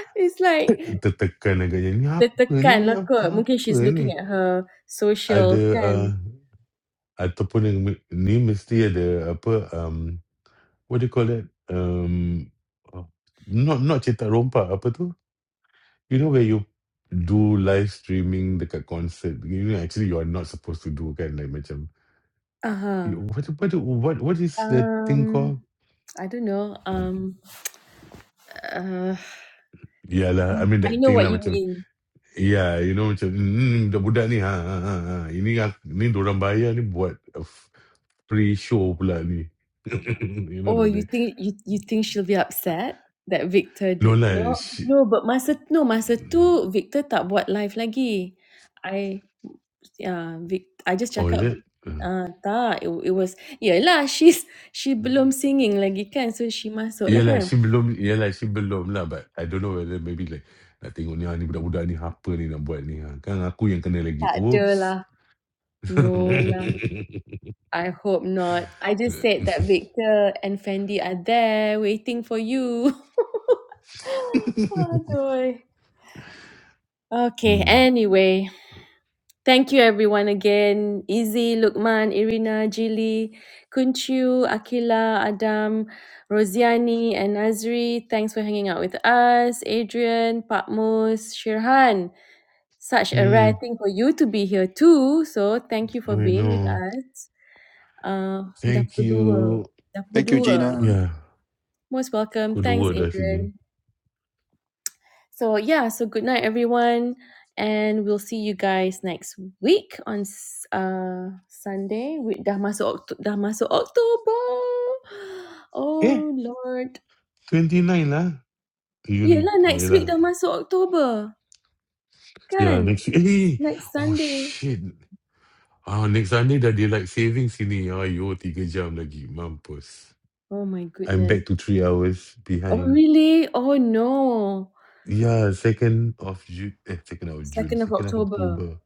it's like tertekan agaknya ni apa ni tertekan ni lah kot. apa, Mungkin apa she's looking ni at her social ada uh, kan. ataupun yang me- ni mesti ada apa um what do you call that um oh, not not cetak rompak apa tu You know where you do live streaming dekat concert, you know actually you are not supposed to do kan like macam Uh-huh. you- what what what what is that thing Um, called? I don't know. Mhm. Um, Uh, Yeah lah, Mm, I mean I that know thing what lah you macam mean. yeah, you know macam mm, budak-budak ni ha, ha, ha, ha. ini ak- ni dorang bayar ni buat a f- free show pula ni. you know oh, that you thing. think you you think she'll be upset that Victor No did? lah, No, she, no, but masa no masa tu Victor tak buat live lagi. I yeah, Vic, I just oh is cakap it? Uh. ah tak it, it was Lah, she's she belum singing lagi kan so she masuk lah Yeah, like kan she belum, yeah, like she belum lah. But I don't know whether maybe like nak tengok ni ah, ni budak-budak ni apa ni nak buat ni ah. Kan aku yang kena lagi. tak ada Oops. lah no lah I hope not I just said that Victor and Fendi are there waiting for you Aduh Okay, hmm. anyway, thank you everyone again. Izzy, Lukman, Irina, Jilly, Kunchu, Akila, Adam, Rosiani, and Nazri. Thanks for hanging out with us. Adrian, Patmos, Shirhan. Such a Hmm. rare thing for you to be here too. So thank you for I being with know. us. Uh, dah Thank pukul dua. you. Dah pukul Thank you, dua. Gina. Yeah. Most welcome. Kau Thanks, dua dah Adrian. sini. So, yeah, so good night, everyone. And we'll see you guys next week on s- uh, Sunday. We, dah, masuk Oct- dah masuk October. Eh, Oh, Lord. 29 lah. You ni. Yelah, Oh, next week yelah. dah masuk October. Yeah, Kan? next week. Eh, Next oh Sunday. shit. Ah, next Sunday dah daylight saving sini. Ayuh, tiga jam lagi. Mampus. Oh, my I'm goodness. back to three hours Oh, behind. really? Oh, no. Yeah, 2nd of Ju eh, 2nd of June, 2nd of 2nd of October. October.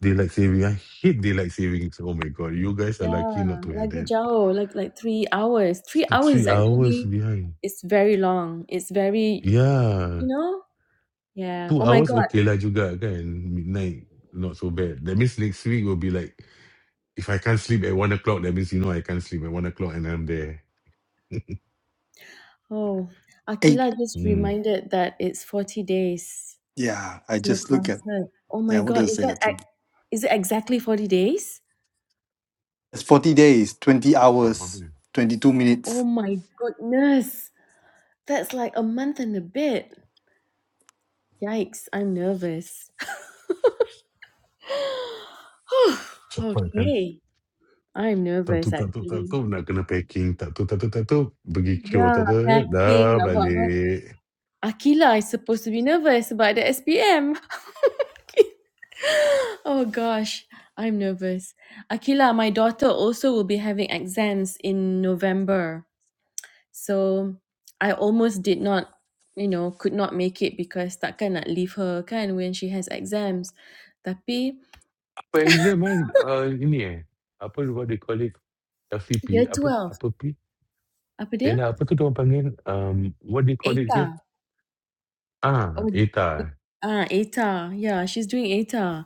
Daylight saving. I hate daylight savings. Oh my god, you guys are lucky not Yeah, to have lagi that. jauh. Like, like three hours. Three T- hours is Three hours actually, behind. it's very long. It's very, you Yeah. know? Yeah. Two Oh, my hours God. okay lah juga kan. Midnight, not so bad. That means next week will be like, if I can't sleep at one o'clock, that means you know I can't sleep at one o'clock and I'm there. Oh, Eight. Akila just Hmm. reminded that it's 40 days Yeah, I till just look at. concert. Oh my Yeah, what God, does it is say that that to me? ac- is it exactly 40 days? It's forty days, twenty hours, Probably. twenty two minutes. Oh my goodness. That's like a month and a bit. Yikes, I'm nervous. Cepat kan. okay, I'm Tak nervous tu, tak tu, tak actually. tu. Nak kena packing. Tak tu, tak tu, tak tu. Pergi cure. Yeah, Tak tu. Dah packing, about what? balik. Akila is supposed to be nervous about the SPM. oh gosh, I'm nervous. Akila, my daughter also will be having exams in November. So I almost did not, you know, could not make it because takkan nak leave her kan when she has exams. Tapi For exam kan uh, ini eh apa what they call it year LCP apa 12, apa P apa eh dia? nah, apa tu dia orang panggil um, what they call it here ETA. Oh, ah e- ETA ah, ETA. Yeah, she's doing ETA.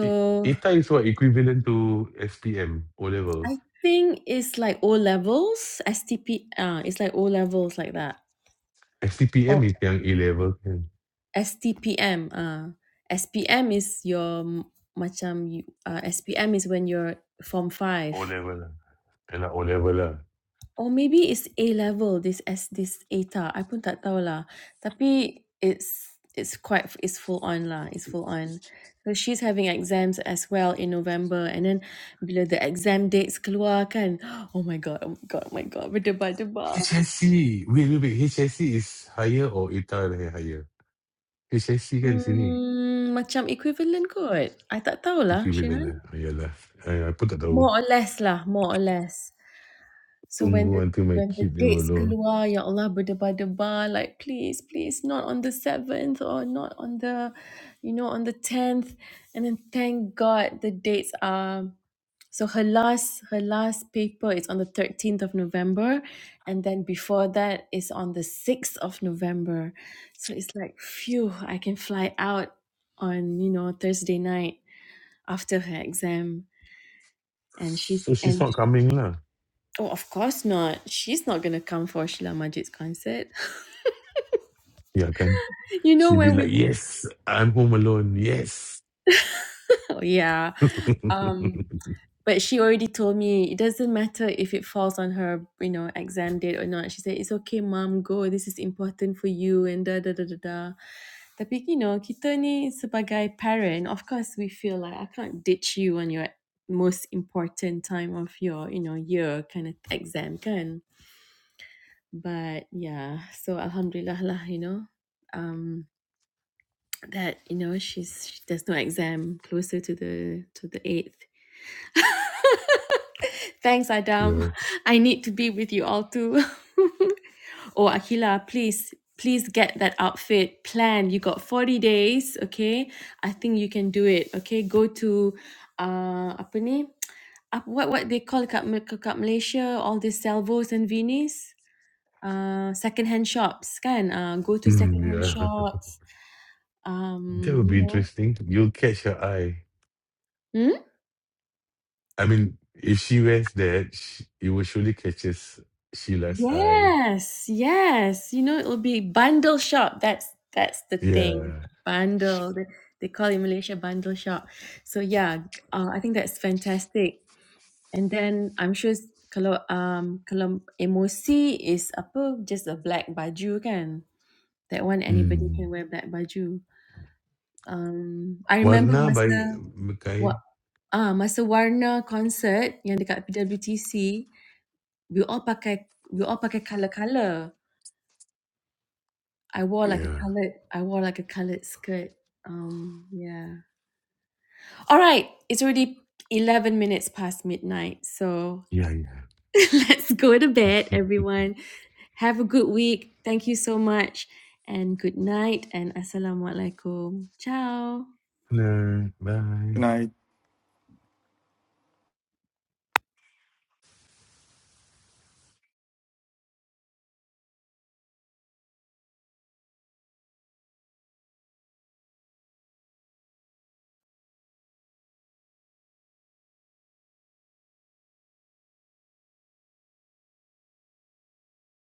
E- ETA is what equivalent to SPM O level I think it's like O levels, STP. Ah, it's like O levels like that. SPM is yang A level kan STPM. ah, SPM is your m- macam you, uh, SPM is when you're form five. O level lah Yalah, O level lah Or maybe it's A level this S this A T A I pun tak tahu lah. Tapi it's it's quite it's full on lah. It's full on. So she's having exams as well in November and then bila the exam dates keluar kan. Oh my god, oh my god, oh my god. Berdebar-debar. HSC wait wait wait HSC is higher or ETA lah yang higher HSC kan sini Hmm, macam equivalent kot. I tak tahu lah, equivalent Shihan. lah ayalah I, I pun tak tahu More or less lah, more or less. So when tunggu the until my when the kid dia dates alone keluar, ya Allah berdebar-debar, like please, please, not on the seventh or not on the, you know, on the tenth. And then thank God the dates are. So her last her last paper is on the thirteenth of November, and then before that is on the sixth of November. So it's like, phew, I can fly out on you know Thursday night after her exam, and she's so she's and not coming lah Oh, of course not. She's not gonna come for Sheila Majid's concert. Yeah, can you know she be when like, we yes, I'm home alone. Yes. oh, yeah. yeah. Um but she already told me it doesn't matter if it falls on her, you know, exam date or not. She said, It's okay, mom, go. This is important for you and da da da da da. Tapi you know, kita ni sebagai parent, of course we feel like I can't ditch you on your most important time of your, you know, year kind of exam kan. But yeah, so alhamdulillah lah, you know. Um that you know she's she, there's no exam closer to the to the eighth. Thanks, Adam. I need to be with you all too. oh, Akila, please, please get that outfit plan. You got forty days, okay? I think you can do it. Okay, go to uh apa ni? Apa- what what they call kat, Ma- kat Malaysia all these salvos and vinis uh second hand shops kan uh, go to second Mm, hand yeah. shops That um would you be know interesting. You'll catch her eye. hmm? I mean, if she wears that, sh it will surely catches Sheila's eye. Yes, yes. You know, it'll be bundle shop. That's that's the thing. Yeah. Bundle. They, they call it in Malaysia bundle shop. So yeah, uh, I think that's fantastic. And then I'm sure s- kalau um kalau emosi is apa just a black baju kan. That one anybody Mm. can wear black baju. Um I remember Warna by masa Mikhail. what ah masa warna concert yang dekat PWTC, we all pakai we all pakai colour-colour. I wore like a Yeah. colored I wore like a colored skirt. Um yeah. All right, it's already 11 minutes past midnight. So Yeah, yeah. let's go to bed everyone. Have a good week. Thank you so much and good night and assalamualaikum. Ciao. no, bye. Can I